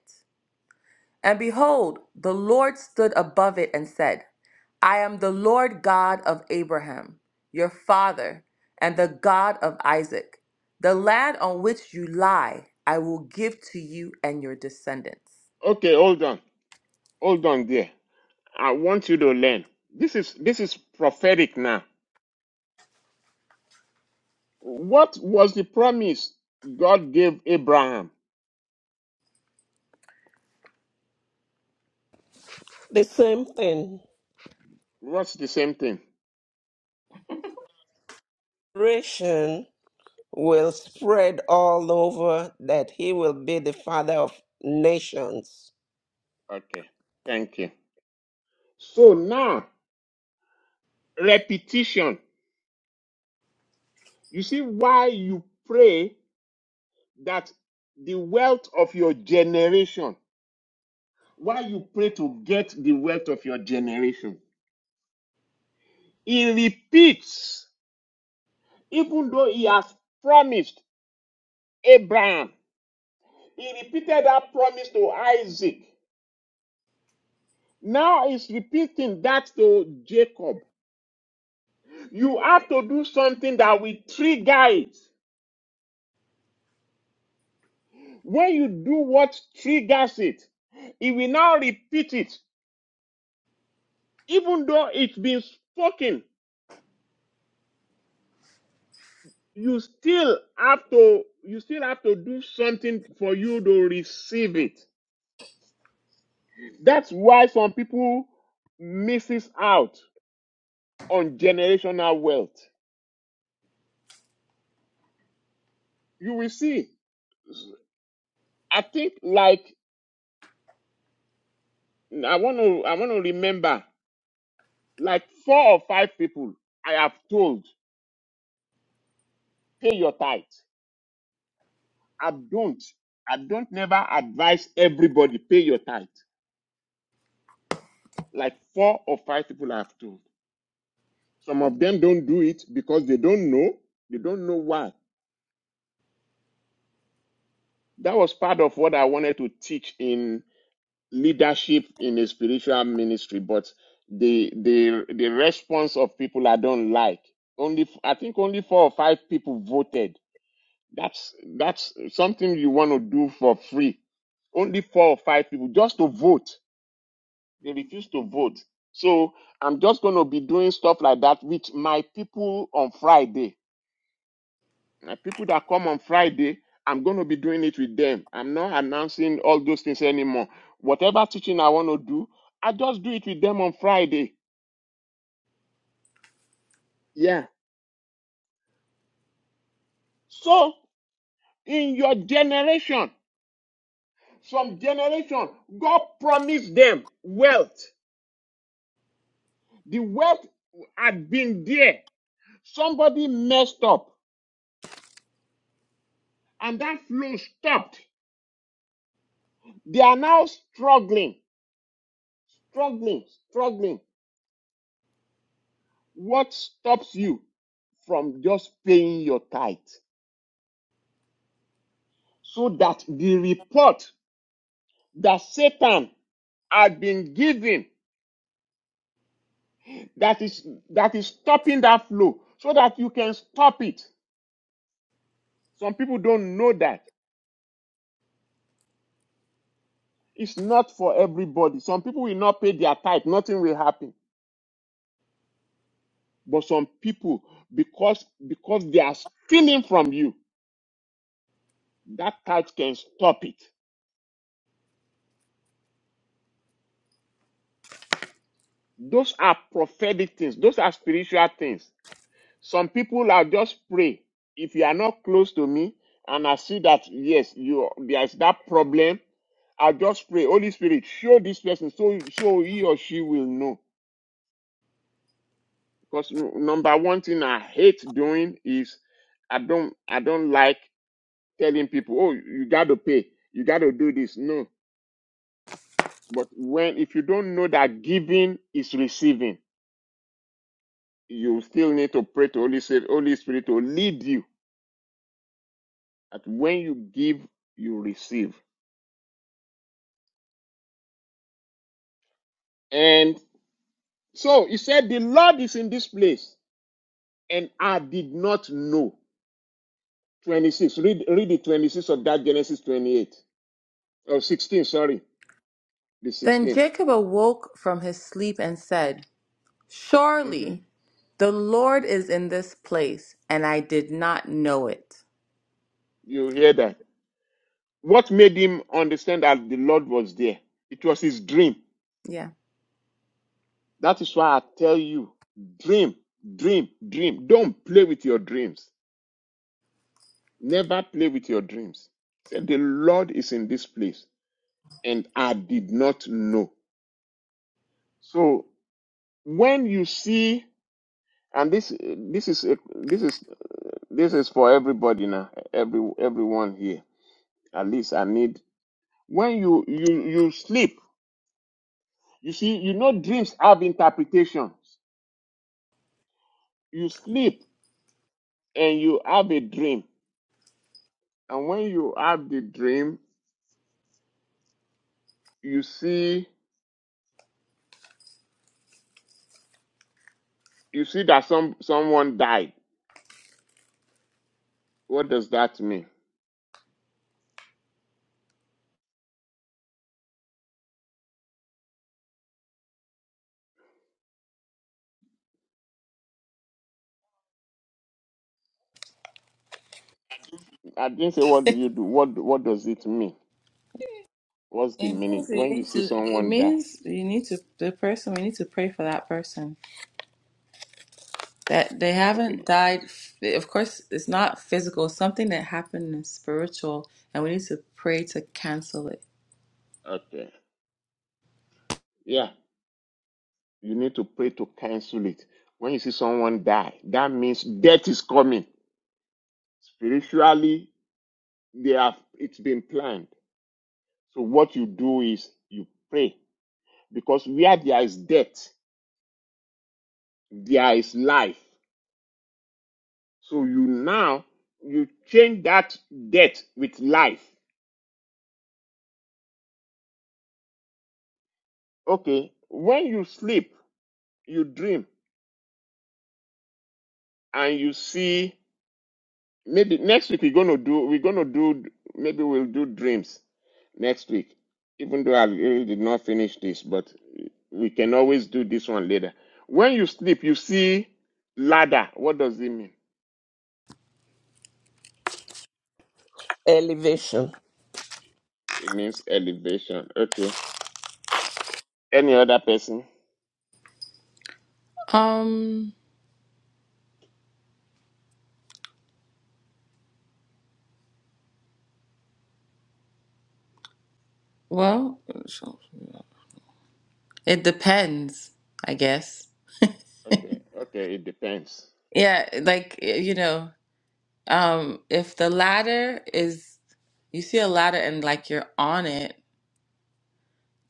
S2: And behold, the Lord stood above it and said, I am the Lord God of Abraham, your father, and the God of Isaac. The land on which you lie, I will give to you and your descendants.
S1: Okay, hold on. Hold on there. I want you to learn. This is this is prophetic now. What was the promise God gave Abraham?
S3: The same thing.
S1: What's the same thing?
S3: Ration will spread all over that he will be the father of nations.
S1: Okay. Thank you. So now repetition. You see why you pray that the wealth of your generation, why you pray to get the wealth of your generation. He repeats, even though he has promised Abraham He repeated that promise to Isaac. Now he's repeating that to Jacob. You have to do something that will trigger it. When you do what triggers it, he will now repeat it. Even though it's been spoken, you still have to you still have to do something for you to receive it. That's why some people misses out on generational wealth. You will see. I think like I want to I want to remember like four or five people I have told pay your tithe. I don't I don't never advise everybody pay your tithe. Like four or five people I have told. Some of them don't do it because they don't know. They don't know why. That was part of what I wanted to teach in leadership in a spiritual ministry, but the the the response of people I don't like. Only I think only four or five people voted That's that's something you want to do for free. Only four or five people just to vote. They refuse to vote. So I'm just going to be doing stuff like that with my people on Friday. My people that come on Friday, I'm going to be doing it with them. I'm not announcing all those things anymore. Whatever teaching I want to do, I just do it with them on Friday. Yeah. So in your generation, some generation, God promised them wealth. The wealth had been there. Somebody messed up and that flow stopped. They are now struggling, struggling, struggling. What stops you from just paying your tithe? So that the report that Satan had been given that is that is stopping that flow, so that you can stop it. Some people don't know that. It's not for everybody. Some people will not pay their tithe, nothing will happen But some people, because because they are stealing from you, that tithe can stop it. Those are prophetic things. Those are spiritual things. Some people are just pray. If you are not close to me, and I see that yes, you there is that problem, I just pray, Holy Spirit, show this person so so he or she will know. Because n- number one thing I hate doing is I don't I don't like telling people, oh, you got to pay, you got to do this. No, But when, if you don't know that giving is receiving, you still need to pray to Holy Spirit, Holy Spirit to lead you. That when you give, you receive. And so he said, the Lord is in this place, and I did not know. 26. Read, read the 26 of that Genesis 28. Oh, 16, sorry. The
S2: Then
S1: 16.
S2: Jacob awoke from his sleep and said,
S1: hmm
S2: Surely the Lord is in this place, and I did not know it.
S1: You hear that. What made him understand that the Lord was there? It was his dream.
S2: Yeah.
S1: That is why I tell you, dream, dream, dream. Don't play with your dreams. Never play with your dreams. Say, the Lord is in this place and I did not know. So when you see, and this, this is, a- this is, this is for everybody now, every, everyone here. At least I need, when you, you, you sleep, you see, you know, dreams have interpretations. You sleep and you have a dream. And when you have the dream, you see you see that some someone died what does that mean i didn't say what do you do what what does it mean what's the
S2: It
S1: meaning
S2: means you
S1: when you
S2: need
S1: see
S2: to. It
S1: someone die
S2: means you need to. The person we need to pray for that person that they haven't
S1: okay
S2: died. f- Of course, it's not physical. it's Something that happened is spiritual, and we need to pray to cancel it.
S1: okay yeah you need to pray to cancel it when you see someone die that means death is coming spiritually they have it's been planned so what you do is you pray because where there is death there is life So you now you change that death with life. Okay. When you sleep, you dream and you see maybe next week we're gonna do we're gonna do maybe we'll do dreams next week. Even though I really did not finish this, but we can always do this one later. When you sleep, you see ladder. What does it mean?
S3: Elevation.
S1: It means elevation. Okay. Any other person?
S2: Um. Well, it depends, I guess.
S1: Okay. Okay. It depends.
S2: Yeah, like you know, um, if the latter is you see a ladder and like you're on it,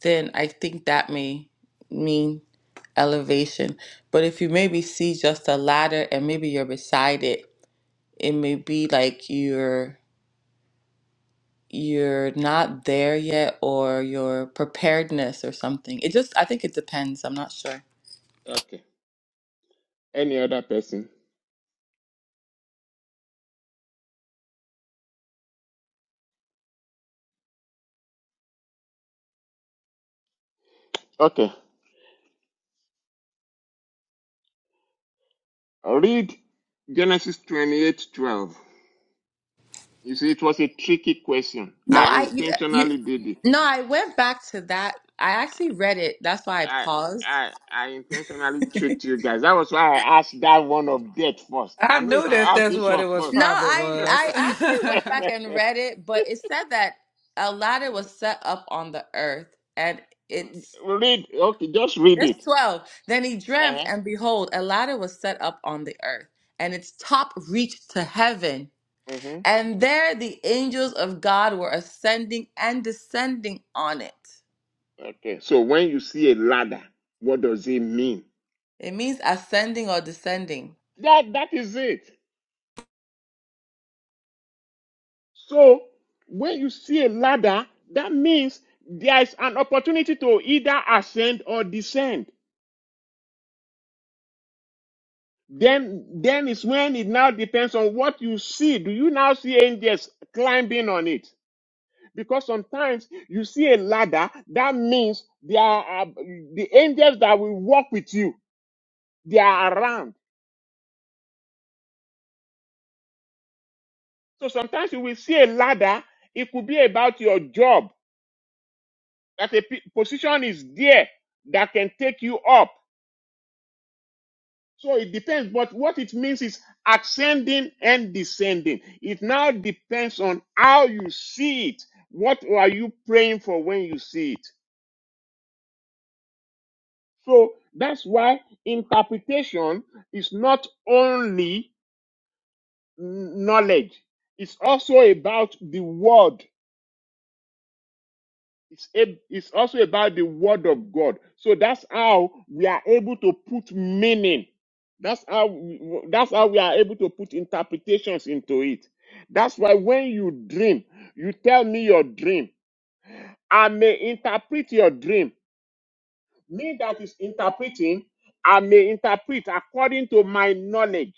S2: then I think that may mean elevation. But if you maybe see just a ladder and maybe you're beside it, it may be like you're you're not there yet or your preparedness or something. It just I think it depends. I'm not sure.
S1: Okay. Any other person? Okay. Read Genesis 28 12. You see, it was a tricky question.
S2: No,
S1: I
S2: I you, you
S1: intentionally did it.
S2: no, I went back to that. I actually read it. That's why I
S1: I,
S2: paused
S1: I, I intentionally tricked you guys. That was why I asked that one of death first. I
S8: I
S1: know if
S8: knew
S1: I
S8: that
S1: ask
S8: that's
S1: this
S8: what
S1: one
S8: it was
S1: first,
S2: No,
S8: probably
S2: I
S8: was.
S2: I actually went back and read it, but it said that Aladdin was set up on the earth, and it's
S1: read. Okay, just read
S2: it's
S1: it.
S2: twelve. Then he dreamt, and
S1: Uh-huh.
S2: behold, Aladdin was set up on the earth, and its top reached to heaven,
S1: hmm
S2: and there the angels of God were ascending and descending on it.
S1: Okay. So when you see a ladder, what does it mean?
S2: It means ascending or descending.
S1: That that is it. So when you see a ladder, that means there is an opportunity to either ascend or descend. Then, then is when it now depends on what you see. Do you now see angels climbing on it? Because sometimes you see a ladder, that means there are uh, the angels that will walk with you. They are around. So sometimes you will see a ladder. It could be about your job that a p- position is there that can take you up. So it depends, but what it means is ascending and descending. It now depends on how you see it. What are you praying for when you see it? So that's why interpretation is not only knowledge, it's also about the word It's, ab- it's also about the word of God. So that's how we are able to put meaning. That's how we- that's how we are able to put interpretations into it. That's why when you dream, you tell me your dream. I may interpret your dream. Me that is interpreting, I may interpret according to my knowledge.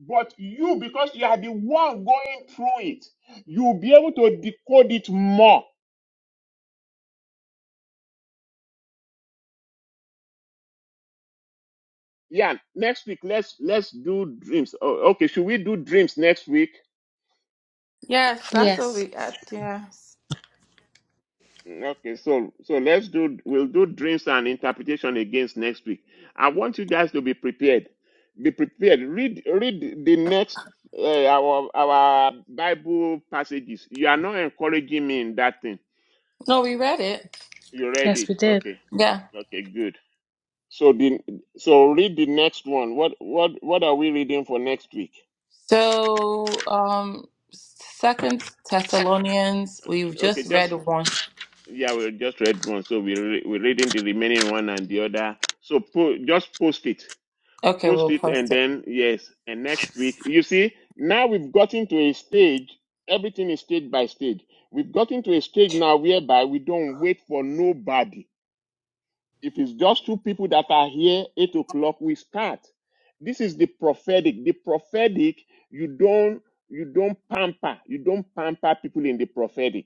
S1: But you, because you are the one going through it, you'll be able to decode it more yeah next week let's let's do dreams oh, okay should we do dreams next week
S2: Yes, that's what
S7: Yes.
S2: we. Uh, yes.
S1: Mm, okay so so let's do we'll do dreams and interpretation against next week i want you guys to be prepared be prepared read read the next uh, our our bible passages you are not encouraging me in that thing
S2: No, we read it.
S1: you read
S7: Yes,
S1: it
S7: we did.
S1: okay
S2: Yeah.
S1: okay good so the so read the next one what what what are we reading for next week
S2: So, um, Second Thessalonians, we've
S1: okay
S2: just
S1: just
S2: read one.
S1: Yeah, we just read one, so we re- we're reading the remaining one and the other. So po- just post it,
S2: Okay,
S1: post
S2: we'll
S1: it, and
S2: post it.
S1: then yes, and next week you see now we've gotten to a stage. Everything is stage by stage. We've gotten to a stage now whereby we don't wait for nobody. If it's just two people that are here, eight o'clock we start. This is the prophetic. The prophetic, you don't you don't pamper, you don't pamper people in the prophetic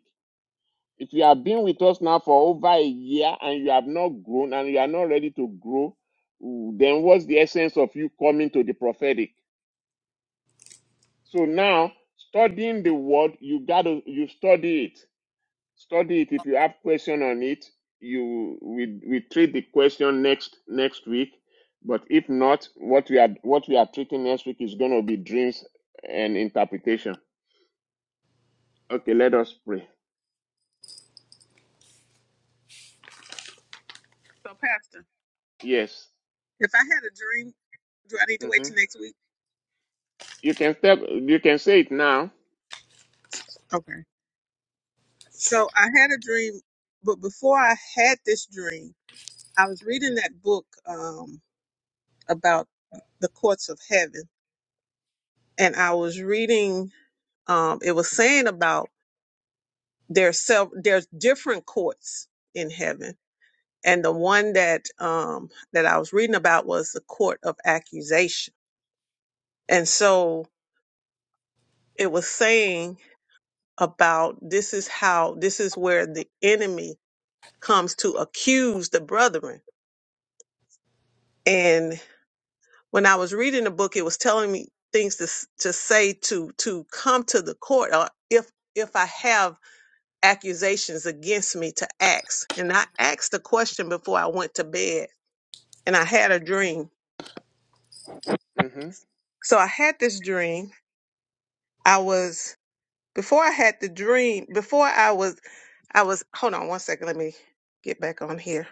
S1: if you have been with us now for over a year and you have not grown and you are not ready to grow, then what's the essence of you coming to the prophetic? So now studying the word, you gotta you study it. Study it. If you have question on it, you we we treat the question next next week. But if not, what we are what we are treating next week is gonna be dreams and interpretation. Okay, let us pray.
S4: So, Pastor,
S1: Yes.
S4: if I had a dream, do I need to wait
S1: hmm
S4: till next week?
S1: You can step. You can say it now.
S4: Okay. So, I had a dream, but before I had this dream, I was reading that book um, about the courts of heaven and I was reading um it was saying about there's self there's different courts in heaven. And the one that um that I was reading about was the court of accusation. And so it was saying about this is how this is where the enemy comes to accuse the brethren. And when I was reading the book, it was telling me things to s- to say to to come to the court or if if I have accusations against me to ask. And I asked the question before I went to bed and I had a dream.
S1: Mm-hmm.
S4: So I had this dream. I was before I had the dream, before I was I was hold on one second, let me get back on here.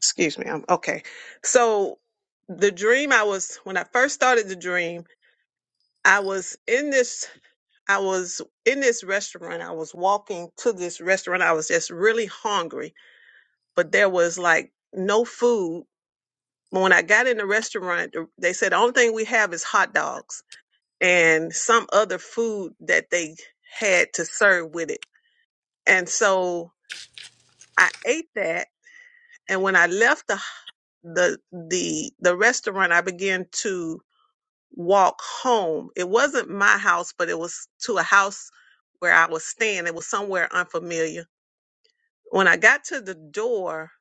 S4: Excuse me. I'm okay. So the dream I was when I first started the dream, I was in this I was in this restaurant. I was walking to this restaurant. I was just really hungry, but there was like no food But when I got in the restaurant, they said the only thing we have is hot dogs and some other food that they had to serve with it. And so I ate that. And when I left the the the the restaurant, I began to walk home. It wasn't my house, but it was to a house where I was staying. It was somewhere unfamiliar. When I got to the door,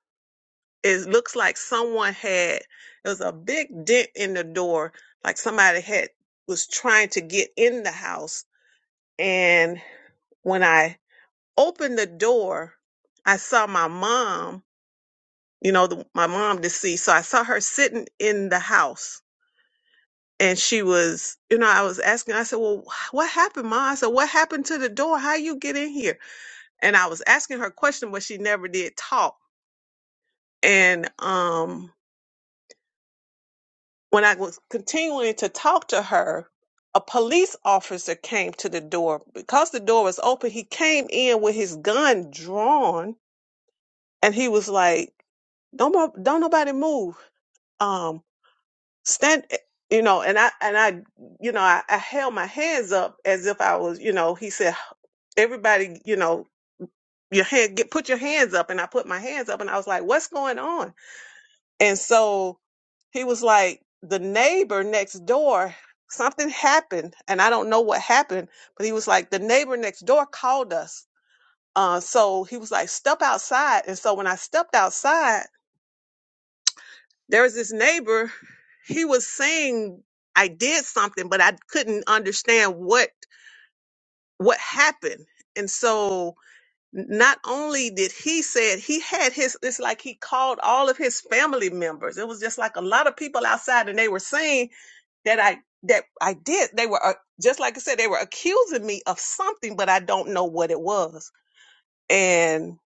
S4: it looks like someone had it was a big dent in the door like somebody had was trying to get in the house and when i opened the door i saw my mom you know the, my mom deceased so i saw her sitting in the house and she was you know i was asking i said well what happened ma?" i said what happened to the door how you get in here and i was asking her question but she never did talk and um When I was continuing to talk to her, a police officer came to the door. Because the door was open, he came in with his gun drawn and he was like, Don't mo- don't nobody move. Um stand eh," you know, and I and I you know, I, I held my hands up as if I was, you know, he said, Everybody, you know, your hand get put your hands up and I put my hands up and I was like, What's going on? And so he was like, the neighbor next door, something happened, and I don't know what happened, but he was like, the neighbor next door called us. Uh, so he was like, step outside. And so when I stepped outside, there was this neighbor. He was saying I did something, but I couldn't understand what what happened. And so not only did he said he had his it's like he called all of his family members it was just like a lot of people outside and they were saying that I that I did. They were uh, just like I said, they were accusing me of something, but I don't know what it was. And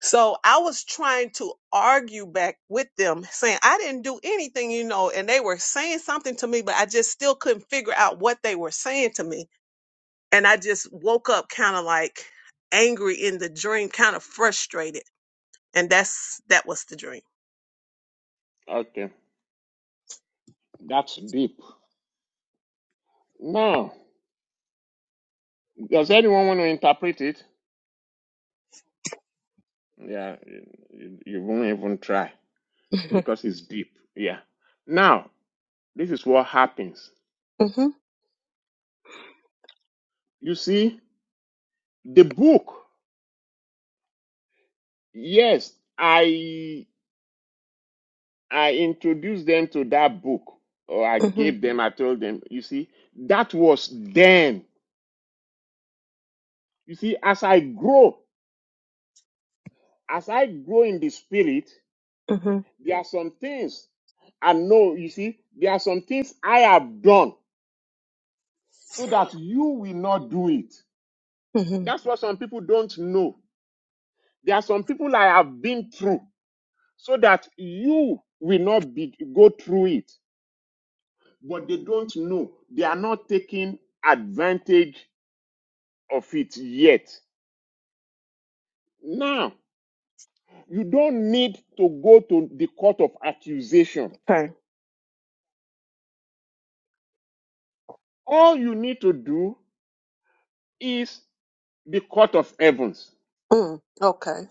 S4: so I was trying to argue back with them, saying I didn't do anything, you know. And they were saying something to me, but I just still couldn't figure out what they were saying to me. And I just woke up kind of like angry in the dream, kind of frustrated. And that's that was the dream.
S1: Okay, that's deep. Now, does anyone want to interpret it? Yeah, you, you won't even try
S4: Mm-hmm.
S1: because it's deep. Yeah. Now, this is what happens. You see, the book. Yes, I I introduced them to that book, or I
S4: Mm-hmm.
S1: gave them. I told them. You see, that was then. You see, as I grow, as I grow in the spirit.
S4: Mm-hmm.
S1: There are some things I know, you see, there are some things I have done so that you will not do it.
S4: Mm-hmm.
S1: That's what some people don't know. There are some people I have been through so that you will not be, go through it. But they don't know. They are not taking advantage of it yet. Now, you don't need to go to the court of accusation.
S4: Okay.
S1: All you need to do is the court of heavens.
S4: Mm, okay.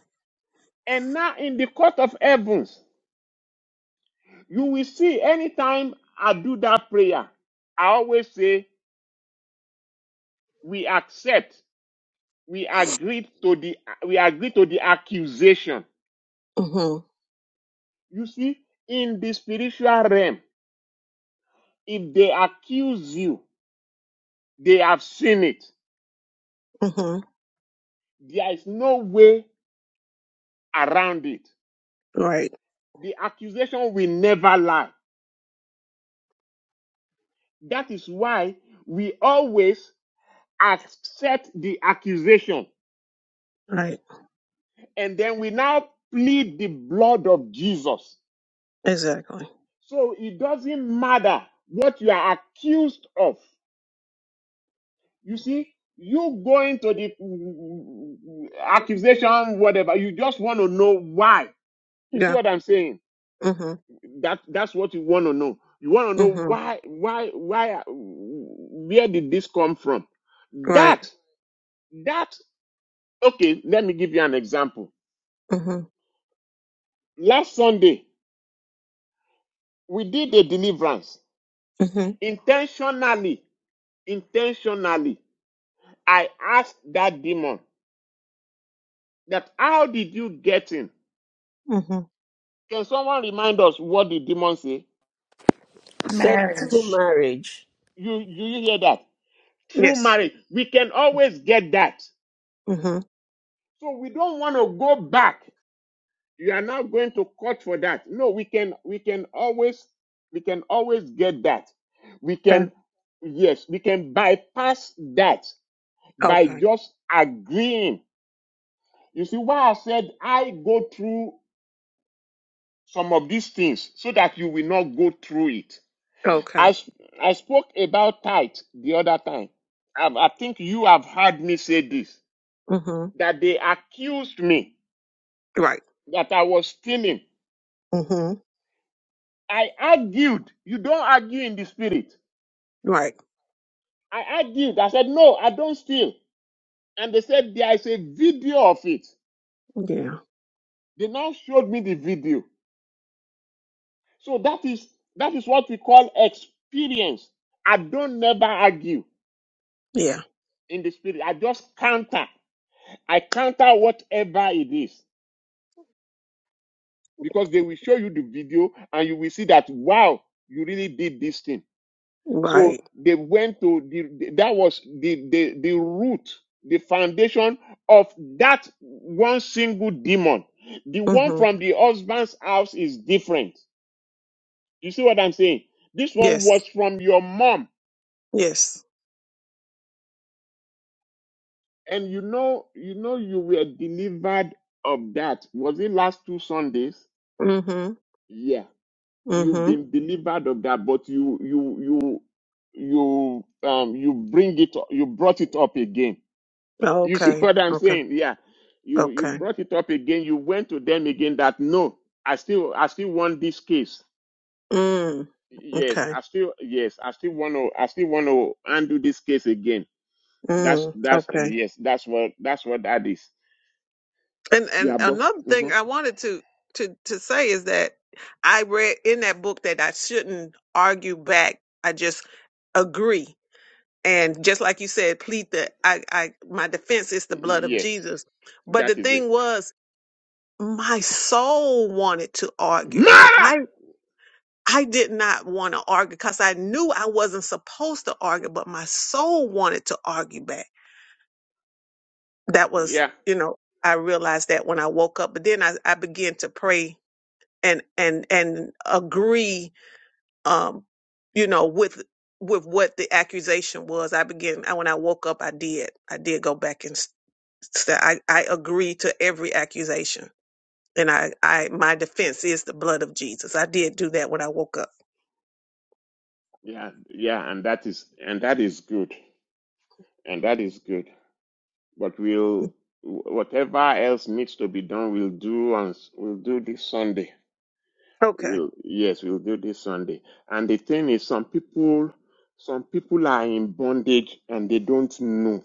S1: And now in the court of heavens, you will see anytime I do that prayer, I always say, we accept, we agree to the, we agree to the accusation.
S4: Mm-hmm.
S1: You see, in the spiritual realm, if they accuse you, they have seen it. There is no way around it.
S4: Right,
S1: The accusation will never lie. That is why we always accept the accusation
S4: right,
S1: and then we now plead the blood of Jesus.
S4: exactly.
S1: So it doesn't matter what you are accused of. You see, you go into the accusation, whatever, you just want to know why. You see
S4: Yeah.
S1: what I'm saying?
S4: Mm-hmm.
S1: That that's what you want to know. You want to know
S4: Mm-hmm.
S1: why, why, why, where did this come from?
S4: Right.
S1: That, that, okay, let me give you an example.
S4: Mm-hmm.
S1: Last Sunday, we did a deliverance
S4: Mm-hmm.
S1: intentionally intentionally. I asked that demon that how did you get in?
S4: Mm-hmm.
S1: Can someone remind us what the demon say?
S3: Sexual
S2: Marriage.
S3: marriage.
S1: You do you hear that? Through
S4: Yes.
S1: marriage, we can always get that.
S4: Mm-hmm.
S1: So we don't want to go back. You are not going to court for that. No, we can we can always we can always get that. We can
S4: Okay.
S1: yes, we can bypass that by
S4: Okay.
S1: just agreeing. You see why I said I go through some of these things so that you will not go through it. I
S4: Okay.
S1: I spoke about tithe the other time. I, I think you have heard me say this
S4: Mm-hmm.
S1: that they accused me
S4: Right.
S1: that I was stealing.
S4: Mm-hmm.
S1: I argued. You don't argue in the spirit.
S4: Right.
S1: I argued. I said, No, I don't steal. And they said, There is a video of it.
S4: Yeah.
S1: They now showed me the video. So that is that is what we call experience. I don't never argue
S4: Yeah.
S1: in the spirit. I just counter. I counter whatever it is because they will show you the video and you will see that wow, you really did this thing. So
S4: Right.
S1: they went to the that was the the, the root, the foundation of that one single demon. The one
S4: Mm-hmm.
S1: from the husband's house is different. You see what I'm saying? This one
S4: Yes.
S1: was from your mom,
S4: Yes.
S1: and you know, you know, you were delivered of that. Was it last two Sundays?
S4: Mm-hmm.
S1: Yeah you've
S4: Mm-hmm.
S1: been delivered of that, but you you you you um you bring it you brought it up again. You see
S4: Okay.
S1: what I'm
S4: Okay.
S1: saying? Yeah. You you
S4: Okay.
S1: brought it up again. You went to them again that no, I still I still want this case.
S4: Mm.
S1: Yes,
S4: Okay.
S1: I still yes, I still want to I still want to undo this case again. That's
S4: Mm.
S1: that's
S4: Okay.
S1: yes, that's what that's what that is.
S4: And and
S1: Yeah, but
S4: another thing
S1: mhm.
S4: I wanted to to to say is that I read in that book that I shouldn't argue back. I just agree. And just like you said, plead the I, I my defense is the blood of
S1: yes,
S4: Jesus. But the
S1: that is it.
S4: thing was, my soul wanted to argue.
S1: Mara!
S4: I I did not want to argue because I knew I wasn't supposed to argue, but my soul wanted to argue back. That was,
S1: Yeah,
S4: you know, I realized that when I woke up. But then I, I began to pray and and and agree um you know with with what the accusation was i began I, when i woke up i did i did go back and s- s- i i agree to every accusation and i i my defense is the blood of jesus i did do that when i woke up
S1: yeah, yeah, and that is and that is good. and that is good. But we'll whatever else needs to be done, we'll do on we'll do this Sunday.
S4: okay
S1: We'll yes, we'll do this Sunday. And the thing is, some people some people are in bondage and they don't know.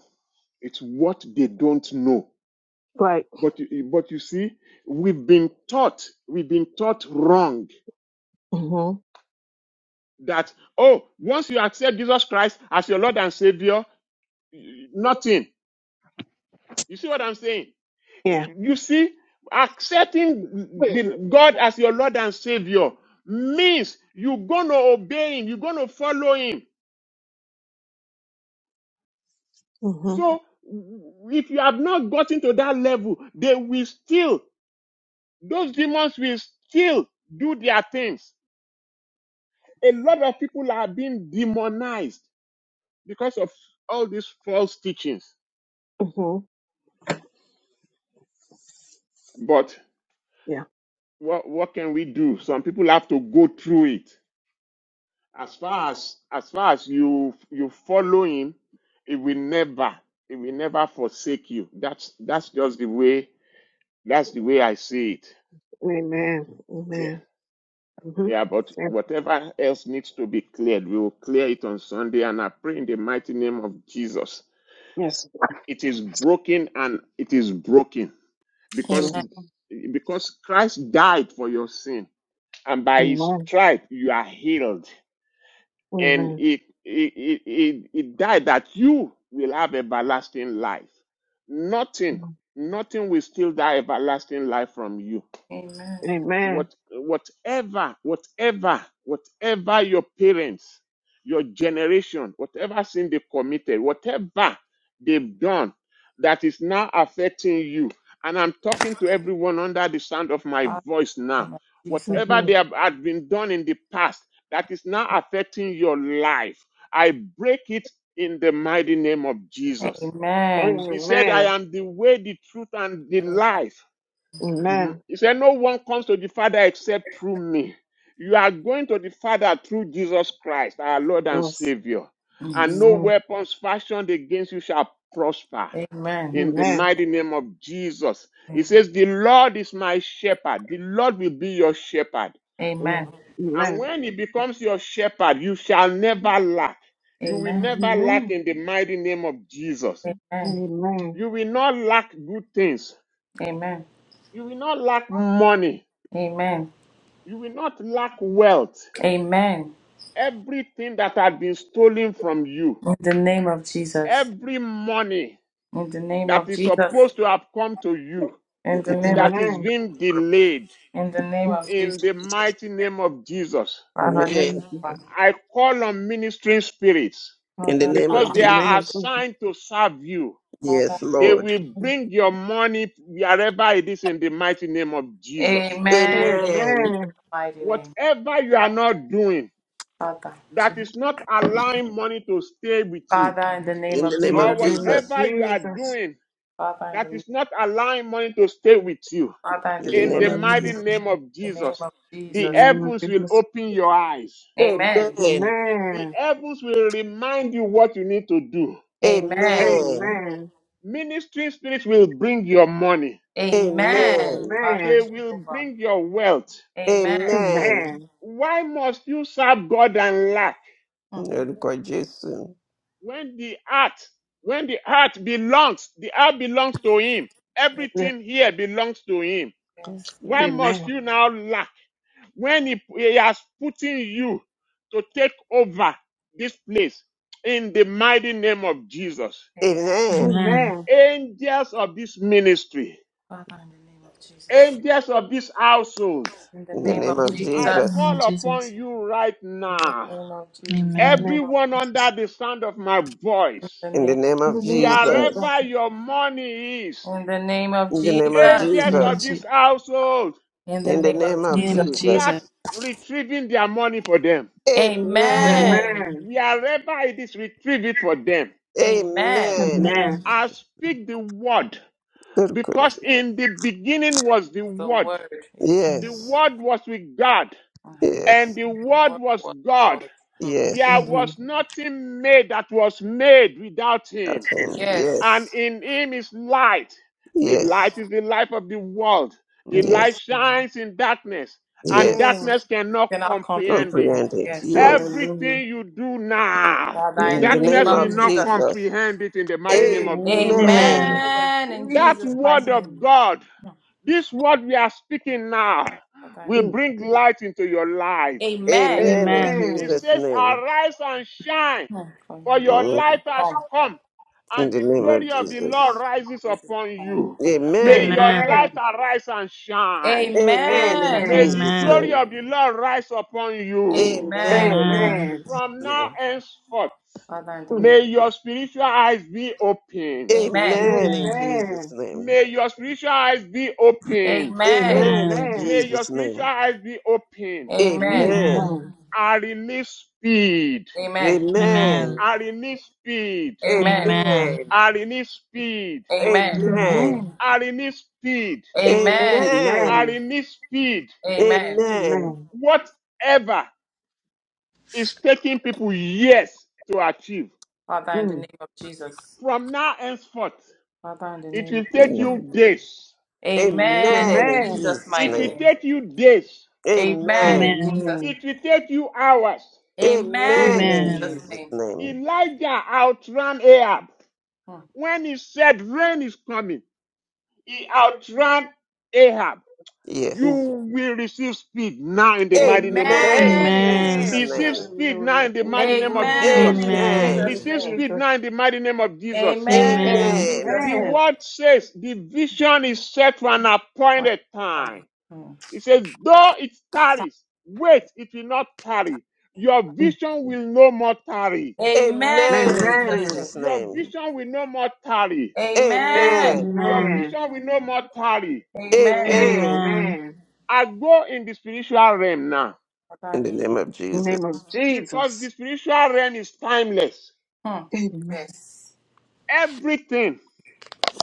S1: It's what they don't know.
S4: right
S1: But you, but you see, we've been taught we've been taught wrong
S4: mhm.
S1: that oh once you accept Jesus Christ as your Lord and Savior, nothing. You see what I'm saying? You see, accepting the God as your Lord and Savior means you're going to obey Him, you're going to follow Him.
S4: hmm
S1: So, w- if you have not gotten to that level, they will still, those demons will still do their things. A lot of people are being demonized because of all these false teachings.
S4: hmm
S1: But
S4: Yeah.
S1: what, what can we do? Some people have to go through it. As far as as far as you you follow him, it will never it will never forsake you. That's that's just the way that's the way I see it.
S4: Amen.
S1: Yeah.
S4: Amen. hmm
S1: Yeah, but
S4: Yes.
S1: whatever else needs to be cleared, we will clear it on Sunday and I pray in the mighty name of Jesus.
S4: Yes.
S1: It is broken and it is broken because
S2: Amen.
S4: Yes.
S1: because Christ died for your sin and by his
S4: Amen.
S1: stripe you are healed. and
S4: Amen.
S1: it it, it, it it died that you will have everlasting life. Nothing, nothing will steal that everlasting life from you
S2: Amen.
S1: what
S4: Amen.
S1: whatever whatever whatever your parents your generation whatever sin they committed whatever they've done that is now affecting you and i'm talking to everyone under the sound of my
S2: Father,
S1: voice
S2: in the
S1: now
S2: name of Jesus.
S1: whatever
S4: hmm
S1: they have had been done in the past that is now affecting your life i break it in the mighty name of jesus
S2: Amen.
S1: he said i
S4: Amen.
S1: am the way the truth and the life
S4: Amen.
S1: he said, No one comes to the Father except through me. You are going to the Father through Jesus Christ, our Lord and
S4: Yes.
S1: Savior. And
S2: Mm.
S1: no
S4: Amen.
S1: weapons fashioned against you shall prosper.
S2: Amen.
S1: In the
S4: Amen.
S1: mighty name of Jesus. He
S2: Amen.
S1: says, The Lord is my shepherd. The Lord will be your shepherd.
S4: Yeah.
S2: Amen.
S1: And
S4: Amen.
S1: when he becomes your shepherd, you shall never lack. You will
S2: Amen.
S1: never lack
S4: Amen.
S1: in the mighty name of Jesus.
S4: Amen.
S1: You will not lack good things.
S2: Amen.
S1: You will not lack money.
S2: Amen.
S1: You will not lack wealth.
S2: Amen.
S1: Everything that had been stolen from you,
S2: In the name of Jesus.
S1: every money
S2: In the name
S1: that
S2: of
S1: is
S2: Jesus.
S1: supposed to have come to you,
S2: In the name of
S1: that is
S4: Amen.
S1: being delayed
S2: in the name
S4: Yes.
S2: of Jesus.
S1: in the mighty name of Jesus.
S4: In the
S2: Father.
S4: name of
S3: Amen.
S4: Jesus.
S1: I call on ministering spirits
S3: In the
S2: Father.
S3: name
S1: because
S3: of
S4: In
S1: they
S4: the
S3: Jesus.
S4: name
S1: are
S4: of Jesus.
S1: assigned to serve you.
S2: Father.
S3: Yes,
S1: They
S3: Lord.
S1: will bring your money wherever it is in the mighty name of Jesus.
S2: Amen.
S8: Amen.
S3: Amen.
S4: Amen.
S2: mighty name,
S1: Whatever you are not doing
S2: Father.
S1: that is not allowing money to stay with you
S2: Father, in the name
S3: In the
S2: of
S3: name
S4: In
S1: or
S3: of
S4: the
S2: Jesus.
S4: name of
S3: Jesus.
S1: whatever you are
S4: Jesus.
S1: doing
S2: Father, in
S1: that
S2: the name,
S1: is not allowing money to stay with you.
S2: Father, in the
S3: In the
S4: In
S2: name
S1: In
S2: of
S4: the
S3: name
S1: the
S3: of
S1: mighty
S4: name
S3: Jesus.
S4: of
S1: name
S4: Jesus.
S1: of
S2: the name
S1: Jesus,
S2: of
S4: In
S1: the
S2: Jesus.
S4: the name of
S1: heavens will
S4: Jesus.
S1: open your eyes.
S2: Amen.
S3: Amen.
S1: The
S4: Amen.
S1: heavens will remind you what you need to do.
S2: Amen.
S3: Amen.
S4: Amen.
S1: Ministry spirits will bring your money.
S2: Amen.
S3: Amen.
S2: Father
S1: They
S4: Amen.
S1: will
S2: Jehovah.
S1: bring your wealth.
S2: Amen.
S3: Amen.
S4: Amen.
S1: Why must you serve God and lack?
S3: In
S2: Mm,
S3: the name of Jesus.
S1: When the heart, when the heart belongs, the heart belongs to Him.
S2: Yes.
S4: Yes.
S1: Everything here belongs to Him.
S2: yes.
S1: Why
S3: Mhm.
S1: must
S4: Amen.
S1: you now lack? when he, he has put in you to take over this place in the mighty name of Jesus.
S2: Amen.
S3: Amen.
S7: Amen.
S4: Amen.
S1: Angels of this ministry,
S2: Father, in the name of Jesus.
S1: angels of this household,
S2: In the
S3: In the
S4: Mm,
S2: name
S3: name
S2: of
S4: mm.
S3: of
S4: In
S1: I
S2: Jesus.
S7: In the
S3: Jesus.
S7: name of
S1: call upon
S7: Jesus.
S1: you right
S2: In the
S1: now.
S2: name of Jesus.
S4: the
S7: Amen.
S4: name of
S1: Everyone under
S4: Jesus.
S1: the sound of my
S2: In
S1: voice,
S2: the
S3: In the
S2: name.
S3: name
S4: In the
S3: of
S4: name of Jesus.
S3: Jesus.
S1: wherever your money is,
S2: In the name of
S3: In the name of
S2: Jesus.
S7: In
S1: angels
S7: the name of,
S1: of
S3: Jesus.
S7: Je-
S1: this
S7: in
S1: household,
S2: In the
S3: In the
S2: name
S3: name
S2: of
S7: the
S3: of
S7: name of
S2: Jesus.
S1: start
S7: Jesus.
S3: Jesus.
S1: retrieving their money for them.
S3: Amen.
S2: Amen.
S7: Amen.
S4: Amen.
S1: Wherever it is, retrieve it for them
S2: Amen.
S3: Amen. In
S4: Amen.
S7: Amen.
S3: Jesus'
S1: I speak the word
S3: name.
S1: because in the beginning was the
S2: The
S1: word.
S2: word. Yes.
S1: The
S4: Mm,
S3: Yes.
S1: word was with God
S2: Hmm.
S1: and
S3: Yes.
S1: the word
S2: Word
S1: was
S2: was God.
S1: God.
S2: Hmm.
S1: There
S3: Yes.
S4: mm,
S1: was
S4: mm.
S1: nothing made that was made without him.
S3: That's all.
S2: Yes,
S1: And
S3: Yes.
S1: in him is light. The light
S3: Yes.
S1: is the life of the world. The
S3: Yes.
S1: light
S4: Yes. God.
S1: shines in darkness
S2: yes.
S1: and
S3: Yes.
S1: darkness
S4: Yes.
S1: cannot
S2: Cannot comprehend.
S1: comprehend it.
S3: Comprehend it.
S2: Yes, Fa-
S3: Yes.
S4: Hallelujah.
S1: Everything you do now,
S2: Father,
S3: In
S2: in the
S3: the
S2: name
S3: name
S1: darkness
S2: of
S1: will
S3: of
S4: Mm.
S1: not
S2: Jesus.
S3: Jesus.
S1: comprehend it in the
S4: Amen.
S1: mighty name of Jesus.
S4: In the
S7: Amen.
S3: Amen.
S4: name of
S2: Amen. In
S1: That
S2: Jesus'
S4: Jesus. Hallelujah.
S1: word
S2: mighty name.
S1: of God,
S2: Hmm.
S1: this word we are speaking now,
S2: Father, in
S1: will
S2: the
S4: Mm.
S2: name-
S1: bring light into your life.
S2: Amen.
S3: Amen in
S7: Amen.
S1: It
S4: Amen.
S3: Jesus'
S1: says,
S3: name.
S1: Arise and shine,
S2: Hmm. For
S1: for
S2: your life.
S1: your light
S3: Mm,
S1: has
S2: Come.
S1: come,
S3: In
S1: and
S2: Hmm.
S3: the
S1: the
S3: name of
S1: glory of the Lord
S3: Jesus.
S1: rises
S2: This is
S1: upon
S2: coming.
S1: you. May
S3: Amen.
S1: your
S7: Amen.
S4: Amen.
S1: light arise and shine.
S3: Amen in
S2: Amen.
S1: May
S4: Amen.
S1: the
S3: Jesus'
S7: Amen.
S1: glory
S3: name.
S1: of the Lord rise upon you.
S2: Amen.
S3: Amen in
S7: Amen.
S4: Amen.
S3: Jesus'
S1: From now
S3: name.
S1: henceforth,
S2: Father, in the
S4: Mm.
S2: name.
S1: may your spiritual eyes be opened.
S2: Amen.
S3: Amen in
S7: Amen.
S3: Jesus'
S4: Amen.
S3: name.
S1: May your spiritual eyes be opened.
S2: Amen.
S3: Amen in
S7: Amen.
S4: Amen.
S1: May your
S3: Jesus'
S1: spiritual
S3: name.
S1: eyes be opened.
S2: Amen.
S3: Amen.
S7: Amen.
S4: Amen.
S1: I release speed.
S2: Amen.
S7: Amen.
S3: Amen.
S1: I release speed.
S2: Amen.
S7: Amen.
S3: Amen.
S1: I release speed.
S2: Amen.
S4: Amen.
S3: Amen.
S7: Amen.
S1: I release speed.
S2: Amen.
S1: I
S3: Amen.
S4: Amen.
S1: release speed.
S2: Amen.
S3: Amen.
S4: Amen.
S1: Whatever is taking people years to achieve,
S2: Father, in the
S4: Mm.
S2: name of Jesus.
S1: from now henceforth,
S2: Father, in the
S1: it
S2: name
S1: will
S2: of
S1: take you days.
S2: Amen in
S3: Amen in
S7: Amen.
S4: Amen.
S2: Jesus'
S3: Jesus'
S1: It
S2: mighty
S1: will
S3: name.
S2: name.
S1: take you days.
S2: Amen in
S3: Amen.
S7: Amen.
S2: Jesus.
S4: Amen.
S1: It will take you hours.
S2: Amen in
S3: Amen in
S2: Jesus'
S4: Amen.
S3: Jesus'
S2: name.
S3: name.
S1: Elijah outran Ahab.
S2: Hmm.
S1: When he said rain is coming, he outran Ahab.
S4: Yes.
S3: Yes.
S1: You will receive speed now in the mighty name of
S3: Amen in
S2: Amen
S1: Jesus.
S2: in
S7: Amen.
S3: Jesus'
S4: Amen.
S2: Jesus'
S1: Receive
S3: name.
S2: name.
S1: speed now
S4: Hallelujah.
S1: in the
S4: Thank
S1: mighty
S4: you,
S1: name of
S2: Amen
S4: Lord.
S1: Jesus.
S2: in
S4: Thank
S7: Amen.
S2: Jesus'
S4: you,
S3: Amen.
S1: Receive
S2: name.
S1: speed
S4: Jesus.
S1: now in the mighty name of Jesus.
S2: Amen in
S7: Amen.
S2: Jesus'
S1: The
S3: Amen.
S4: Amen.
S2: name.
S1: word says the vision is set for an
S2: One
S1: appointed
S2: time.
S1: time.
S2: Hmm.
S1: It says,
S2: That's
S1: though
S2: it.
S1: it tarries, wait, it will not tarry. Your
S4: Mm.
S1: vision will no more tarry.
S2: Amen in
S3: Amen in
S2: Jesus'
S4: Amen.
S2: name.
S3: Jesus'
S1: Your
S3: name.
S1: vision will no more tarry.
S3: Amen.
S2: Amen.
S1: Your
S7: Amen.
S4: Amen.
S1: vision will no more tarry.
S2: Amen.
S3: Amen.
S7: Amen.
S4: Amen.
S1: I go in the spiritual realm now
S3: In
S2: Father, in
S3: the
S2: the
S3: name of
S2: name of
S4: In the
S2: Jesus.
S3: Jesus.
S4: name of
S1: because the
S4: Jesus.
S1: spiritual realm is timeless.
S2: Hmm.
S4: Amen.
S2: Yes.
S1: Everything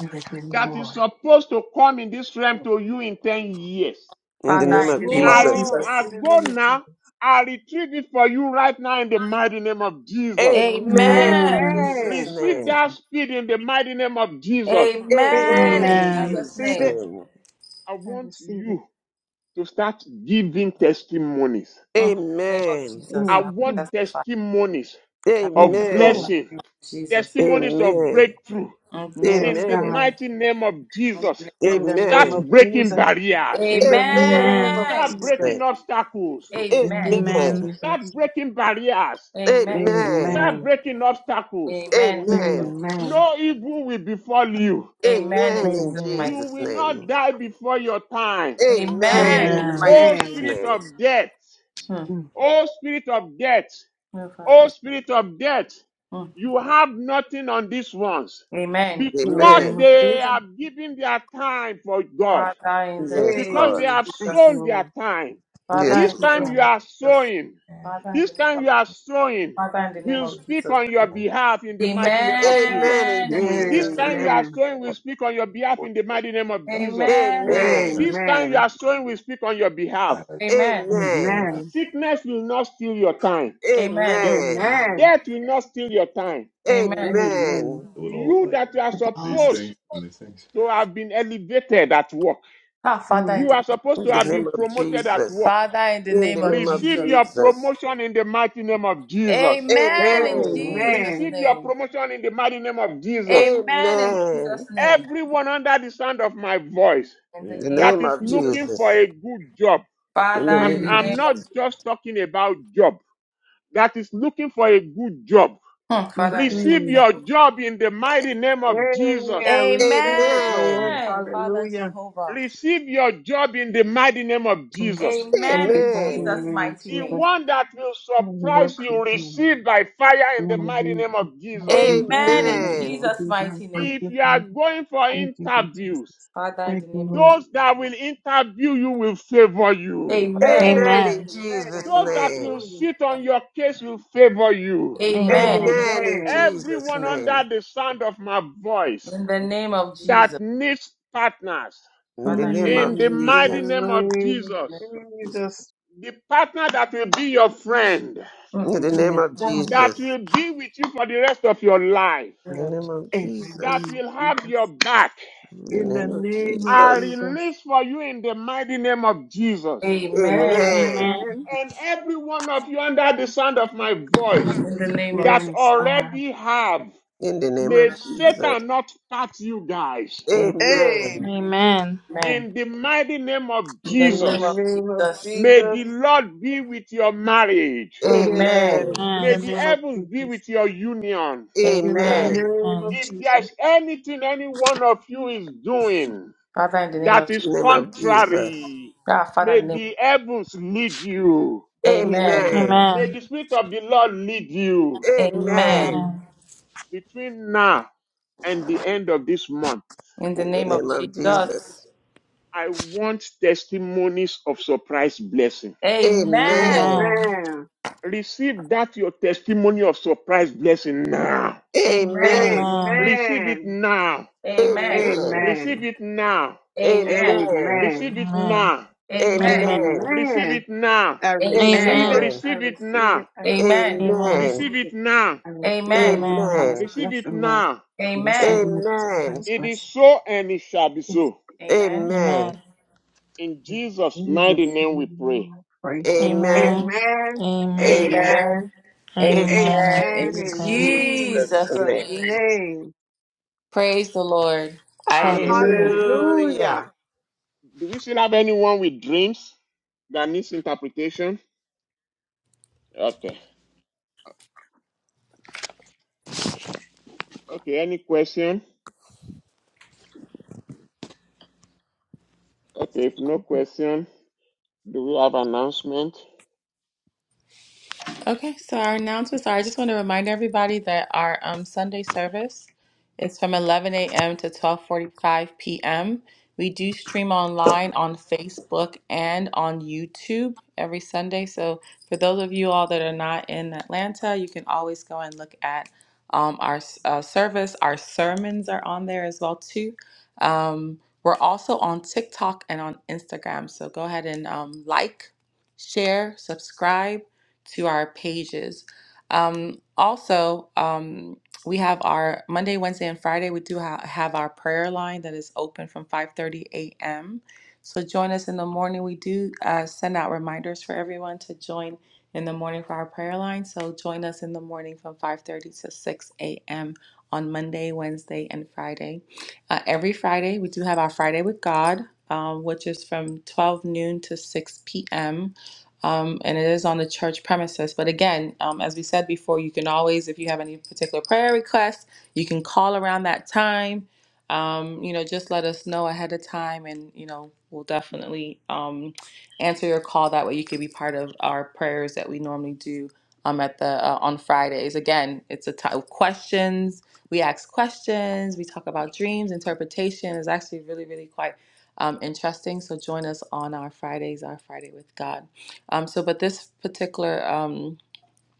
S4: Everything,
S1: that is
S4: Lord.
S1: supposed to come in this realm to you in 10 years,
S3: In the
S2: Father,
S3: name
S4: Yes,
S2: in
S3: of
S2: the name
S1: I,
S2: of
S3: Jesus.
S1: re-
S4: Lord.
S1: I
S2: Jesus.
S4: In the
S1: go
S4: name of
S1: now,
S4: Jesus.
S1: I retrieve it for you right now in the mighty name of Jesus.
S3: Amen in
S2: Amen.
S7: Amen.
S2: In
S3: Jesus'
S2: Jesus'
S4: Amen.
S1: Receive
S2: mighty
S3: name.
S1: that
S2: name.
S1: speed in the mighty name of Jesus.
S2: Amen.
S3: Amen
S2: In
S4: Amen.
S3: in
S4: I
S7: Amen.
S2: Jesus'
S3: Jesus'
S4: receive it.
S2: name.
S3: name.
S1: I
S4: I
S1: want
S4: receive it.
S1: you to start giving testimonies.
S2: Mm. In the name of
S3: Amen.
S2: Jesus,
S1: I
S4: Mm.
S2: I
S1: want
S4: Mm.
S2: testify.
S1: testimonies
S2: I
S1: of
S4: Yes,
S2: testify.
S4: Lord.
S3: Amen.
S2: In
S1: blessing,
S2: the name of Jesus.
S3: Amen.
S1: testimonies of
S3: Amen.
S1: breakthrough
S2: In the name of,
S4: Yes,
S1: in the
S4: God.
S1: mighty name of
S2: in the
S1: Jesus.
S2: name of
S4: In the name
S1: Start
S3: Amen.
S4: of
S1: breaking
S4: Jesus.
S1: barriers.
S4: In the
S3: Amen in
S4: name
S7: Amen.
S4: of
S2: Amen.
S1: Start
S3: Jesus'
S1: breaking
S3: name.
S4: Jesus.
S1: obstacles.
S4: In the
S2: Amen.
S4: name of
S3: Amen.
S7: Amen.
S1: Start
S4: Jesus.
S1: breaking barriers.
S2: Amen. In the name of
S3: Amen.
S1: Start
S4: Amen.
S1: breaking obstacles.
S2: Amen. In the name of
S3: Amen.
S2: Jesus.
S4: Amen.
S1: No evil will befall you.
S2: Amen. In
S3: Amen in
S2: Jesus'
S4: Amen.
S2: mighty
S1: You
S3: Jesus'
S1: will
S2: name.
S1: not
S3: name.
S1: die before your time.
S3: Amen
S2: Amen. In
S3: in
S2: the
S7: Amen.
S2: mighty
S1: Oh,
S2: name
S4: Amen.
S3: Jesus'
S2: of
S1: spirit
S3: name.
S2: Jesus.
S1: of death.
S2: Mm.
S4: Mm.
S1: Oh, spirit of death.
S2: Oh,
S1: Oh,
S2: Father.
S1: spirit of death.
S2: Mm.
S1: You have nothing on these ones
S2: Amen.
S4: In the
S1: because
S4: name
S3: Amen.
S4: of
S1: they
S4: Jesus.
S1: have given their time for God,
S2: Father, in the
S3: Yes,
S2: name of
S1: because they
S3: Lord.
S4: Amen.
S1: have
S4: Thank you,
S2: Jesus.
S1: sown their
S4: Lord.
S1: time.
S4: Thank
S3: Yes,
S1: This
S2: Father, in
S4: you,
S3: Lord.
S2: the
S1: time
S2: name
S1: you
S4: Father.
S2: of
S1: are
S2: Jesus.
S1: sowing.
S2: Father, in the
S1: This
S2: name
S1: time
S2: of
S1: you are sowing,
S2: Father, in the name
S1: we'll
S2: of
S1: speak
S2: Jesus.
S1: on your behalf in the mighty name of Jesus.
S3: Amen in
S2: Amen. In
S1: This
S2: Jesus'
S3: Jesus'
S1: time
S2: name.
S1: you
S3: name.
S1: are
S4: Amen.
S1: sowing, we'll speak on your behalf in the mighty name of Jesus.
S2: Amen. In Jesus'
S3: Amen.
S1: This
S2: name.
S1: time you
S4: Amen.
S1: are sowing, we'll speak on your behalf.
S2: Amen.
S3: Amen.
S4: Amen.
S1: Sickness will not steal your time.
S2: Amen.
S3: Amen.
S4: Amen.
S1: Death will not steal your time.
S2: Amen.
S4: Amen.
S3: Amen.
S1: You that you are
S7: The These balls.
S1: supposed to have been elevated at work,
S2: Ah, Father,
S4: Mm.
S2: in
S1: you
S2: the
S1: are supposed
S3: In
S1: to
S3: the
S1: have
S3: name
S1: been
S3: of
S1: promoted at
S3: Jesus.
S1: work.
S2: Father, in the
S3: In the
S2: name of
S3: name of
S4: Mm.
S1: Receive
S2: Jesus.
S1: your
S3: Jesus.
S1: promotion in the mighty name of Jesus.
S2: Amen. In
S3: Amen.
S2: Jesus'
S4: Amen.
S1: Receive your
S2: name.
S1: promotion in the mighty name of Jesus.
S2: Amen. In
S3: Amen.
S2: Jesus' name.
S1: everyone under the sound of my voice
S2: In the
S3: In the
S2: name
S1: that
S2: of
S3: name
S1: is
S3: of
S2: Jesus.
S1: looking for
S3: Jesus.
S1: a good job.
S3: In the
S2: Father, in
S1: I'm,
S3: name
S2: the
S3: of
S4: Mm.
S1: I'm
S2: name
S1: not
S2: of
S1: just talking about job, that is looking for a good job.
S2: Hmm, Father, in the name of
S1: Receive
S4: Mm.
S1: your job in the mighty name
S4: Hey,
S1: of Jesus.
S4: I receive it, Lord.
S3: Amen.
S2: Amen. Father
S4: Hallelujah.
S2: Jehovah.
S1: Receive your job in the mighty name of
S4: Mm.
S1: Jesus.
S4: You
S2: Amen.
S4: be
S2: In
S4: God in the
S2: Jesus'
S3: Amen.
S4: name of
S2: mighty
S1: The
S2: name.
S4: Jesus.
S1: one that will
S4: I work
S1: surprise
S4: for
S1: you,
S4: him.
S1: receive by fire
S4: I
S1: in the
S4: want
S1: mighty
S4: to
S1: name
S4: be
S1: of Jesus.
S4: for me to do
S2: Amen
S4: what I
S2: in
S4: need
S3: Amen.
S4: to
S2: Jesus'
S4: do. God,
S2: mighty
S4: thank
S2: name.
S1: If
S4: you,
S1: you are
S4: Father.
S1: going for
S4: Thank you, Jesus.
S1: interviews,
S2: Father, in
S4: Thank
S2: the
S4: you,
S2: name
S4: Lord.
S1: those that will interview you will favor you
S2: Amen.
S3: Amen in
S7: Amen.
S3: Jesus'
S4: Amen.
S1: Those that
S3: name.
S1: will
S4: Hallelujah.
S1: sit on your case will favor you.
S2: Amen.
S7: Amen.
S3: Amen in
S4: Amen.
S3: Jesus'
S1: Everyone under
S3: name.
S1: the sound of my voice
S2: In the name of
S1: that
S2: Jesus.
S1: needs partners,
S3: In the
S2: Father, in
S3: name of
S1: in the
S4: Mm. In the
S1: mighty
S3: Jesus.
S1: name of
S4: name
S2: the name
S1: Jesus,
S2: of
S4: of
S2: Jesus.
S4: Jesus.
S1: the partner that will be your friend,
S2: Mm,
S3: In
S2: In
S3: the
S2: the
S3: name
S4: Yes,
S3: of
S4: God.
S1: that
S3: Jesus.
S1: will be with you for the rest of your life,
S3: In
S2: name
S3: the
S2: of
S3: name of
S4: In the
S1: that
S4: name
S3: Jesus.
S4: of
S1: will have your
S4: Jesus.
S1: back,
S3: In the
S4: In
S2: Jesus.
S4: the
S3: name of
S4: name of
S1: I
S3: Jesus.
S4: Jesus.
S1: release for you in the mighty name of Jesus.
S2: Amen.
S3: Amen.
S7: Amen.
S4: Amen.
S1: And every one of you under the sound of my voice
S2: In the name of
S1: that
S2: Jesus.
S4: Yes, God.
S1: already have.
S3: In the name
S1: May
S3: of Jesus.
S1: Satan not touch you guys.
S3: Amen.
S4: Amen.
S7: Amen.
S2: Amen.
S1: In the mighty name of
S2: In the
S4: In the
S2: name
S1: Jesus,
S2: of
S4: name of
S2: Jesus.
S1: may
S4: Jesus.
S1: the Lord be with your marriage.
S4: Yes.
S2: Amen.
S3: Amen.
S4: In
S1: May
S4: the
S7: Amen.
S1: the
S4: name of
S1: heavens be
S4: Jesus.
S1: with your union.
S4: In the
S2: Amen.
S3: Amen.
S4: name
S7: Amen.
S4: of
S1: If
S4: Jesus.
S1: there's anything any one of you is doing
S2: Father, in the name of
S1: that
S2: Jesus.
S3: In the
S1: is
S3: name of Jesus.
S1: contrary,
S2: Ah, Father,
S1: may
S2: in the name.
S1: the heavens lead you.
S2: Amen.
S4: Yes.
S3: Amen.
S1: May
S7: Amen.
S1: the Spirit of the Lord lead you
S2: Amen.
S3: Amen.
S4: Amen.
S7: Amen.
S1: between now and the end of this month.
S2: In the
S3: In the
S2: name of
S3: name of
S2: Jesus.
S3: Jesus.
S1: I want testimonies of surprise blessing.
S2: Amen.
S3: Amen.
S7: Amen.
S4: Amen.
S1: Receive that your testimony of surprise blessing now.
S2: Amen.
S3: Amen.
S7: Amen.
S1: Receive
S4: Amen.
S1: it now.
S2: Amen.
S3: Amen.
S1: Receive it now.
S4: Amen.
S2: Amen.
S3: Amen.
S1: Receive
S4: Amen.
S1: it
S7: Amen.
S1: now.
S2: Amen.
S7: Amen.
S3: Amen.
S1: Receive
S4: Amen.
S1: it now.
S4: I
S3: Amen.
S2: Amen.
S4: receive it.
S7: Amen.
S3: Amen.
S4: I
S1: Receive it
S4: receive it.
S1: now.
S4: I receive
S2: Amen.
S4: it. I
S7: Amen.
S3: Amen.
S4: receive
S1: Receive it
S4: it.
S1: now.
S4: I receive that
S2: Amen.
S7: Amen.
S4: surprise
S1: Receive it
S4: blessing, Lord.
S1: now.
S4: I receive
S2: Amen.
S4: that
S3: Amen.
S4: surprise
S1: It is
S4: blessing.
S1: so and it shall be so.
S2: Amen.
S7: Amen.
S3: Amen.
S1: In
S4: In
S1: Jesus' mighty
S4: Jesus'
S1: name we
S4: name
S1: pray.
S4: I pray.
S2: Amen.
S3: Amen.
S7: Amen.
S4: Amen.
S7: Amen.
S3: Amen.
S2: Amen.
S4: Amen.
S3: In
S2: Amen.
S7: Amen. In
S4: Amen.
S2: In
S7: Jesus'
S4: In
S7: name.
S3: Jesus'
S2: Jesus'
S4: Jesus'
S3: name.
S2: name.
S4: name.
S2: Praise the Lord.
S7: Hallelujah.
S1: Hallelujah.
S3: Hallelujah.
S4: Hallelujah.
S1: Do we still have anyone with dreams that needs interpretation? Okay. Okay, any question? Okay, if no question, do we have announcement?
S2: Okay, so our announcements are I just want to remind everybody that our um, Sunday service is from 11 a.m. to 12:45 p.m. We do stream online on Facebook and on YouTube every Sunday. So for those of you all that are not in Atlanta, you can always go and look at um, our uh, service. Our sermons are on there as well too. Um, we're also on TikTok and on Instagram. So go ahead and um, like, share, subscribe to our pages. Um, also, um, we have our Monday, Wednesday, and Friday. We do ha- have our prayer line that is open from 5:30 a.m. So join us in the morning. We do uh, send out reminders for everyone to join in the morning for our prayer line. So join us in the morning from 5:30 to 6 a.m. on Monday, Wednesday, and Friday. Uh, every Friday, we do have our Friday with God, um, which is from 12 noon to 6 p.m um, and it is on the church premises. But again, um, as we said before, you can always, if you have any particular prayer requests, you can call around that time. Um, you know, just let us know ahead of time, and you know, we'll definitely um, answer your call. That way, you can be part of our prayers that we normally do um, at the uh, on Fridays. Again, it's a time of questions. We ask questions. We talk about dreams, interpretation. is actually really, really quite um, interesting. So join us on our Fridays, our Friday with God. Um, so, but this particular um,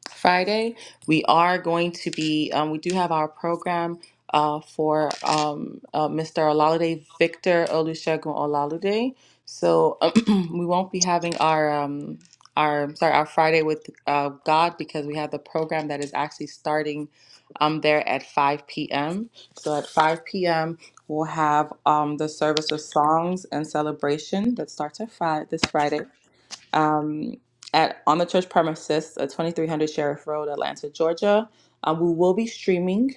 S2: Friday, we are going to be, um, we do have our program uh, for um, uh, Mr. Olalade, Victor Olusegun Olalade. So we won't be having our um, our sorry our Friday with uh, God because we have the program that is actually starting um, there at 5 p.m. So at 5 p.m. we'll have um, the service of songs and celebration that starts at five this Friday um, at on the church premises at 2300 Sheriff Road, Atlanta, Georgia. Um, we will be streaming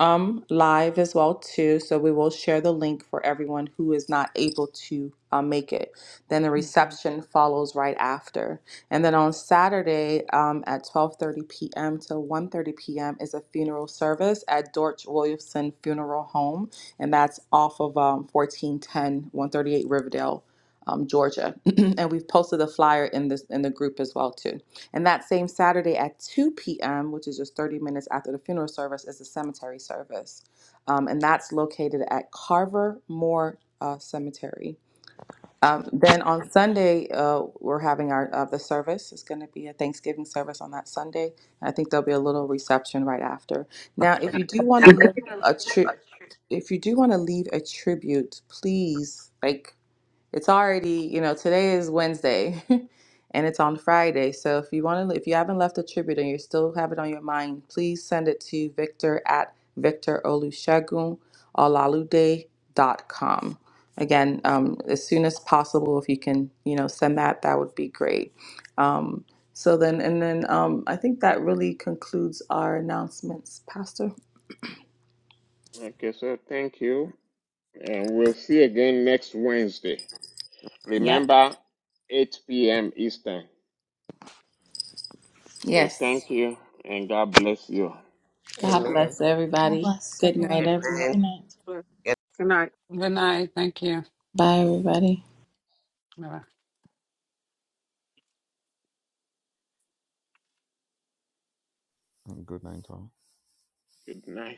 S2: um, live as well too, so we will share the link for everyone who is not able to uh, make it. Then the reception follows right after, and then on Saturday um, at 12:30 p.m. to one thirty p.m. is a funeral service at Dorch Williamson Funeral Home, and that's off of um, 1410 Riverdale um, Georgia, and we've posted a flyer in this in the group as well too. And that same Saturday at 2 p.m., which is just 30 minutes after the funeral service, is the cemetery service, um, and that's located at Carver Moore uh, Cemetery. Um, then on Sunday, uh, we're having our uh, the service. It's going to be a Thanksgiving service on that Sunday. And I think there'll be a little reception right after. Now, if you do want to live a trip, if you do want to leave a tribute, please like it's already, you know, today is Wednesday and it's on Friday. So if you want to, if you haven't left a tribute and you still have it on your mind, please send it to victor at victor olusegun olalude dot com. Again, um, as soon as possible, if you can, you know, send that, that would be great. Um, so then, and then um, I think that really concludes our announcements, Pastor.
S1: Okay, so Thank you. And we'll see again next Wednesday.
S2: Yep.
S1: Remember, 8 p.m. Eastern. So
S2: Yes.
S1: thank you and God bless you.
S2: God
S3: Amen.
S2: bless
S7: God
S2: everybody.
S7: bless
S2: Good night,
S7: everyone.
S2: everyone.
S7: Good
S3: Amen.
S7: night.
S4: Tonight.
S8: Good night. Thank you.
S2: Bye, everybody.
S8: Bye.
S6: Mm, Good night, all.
S1: Good night.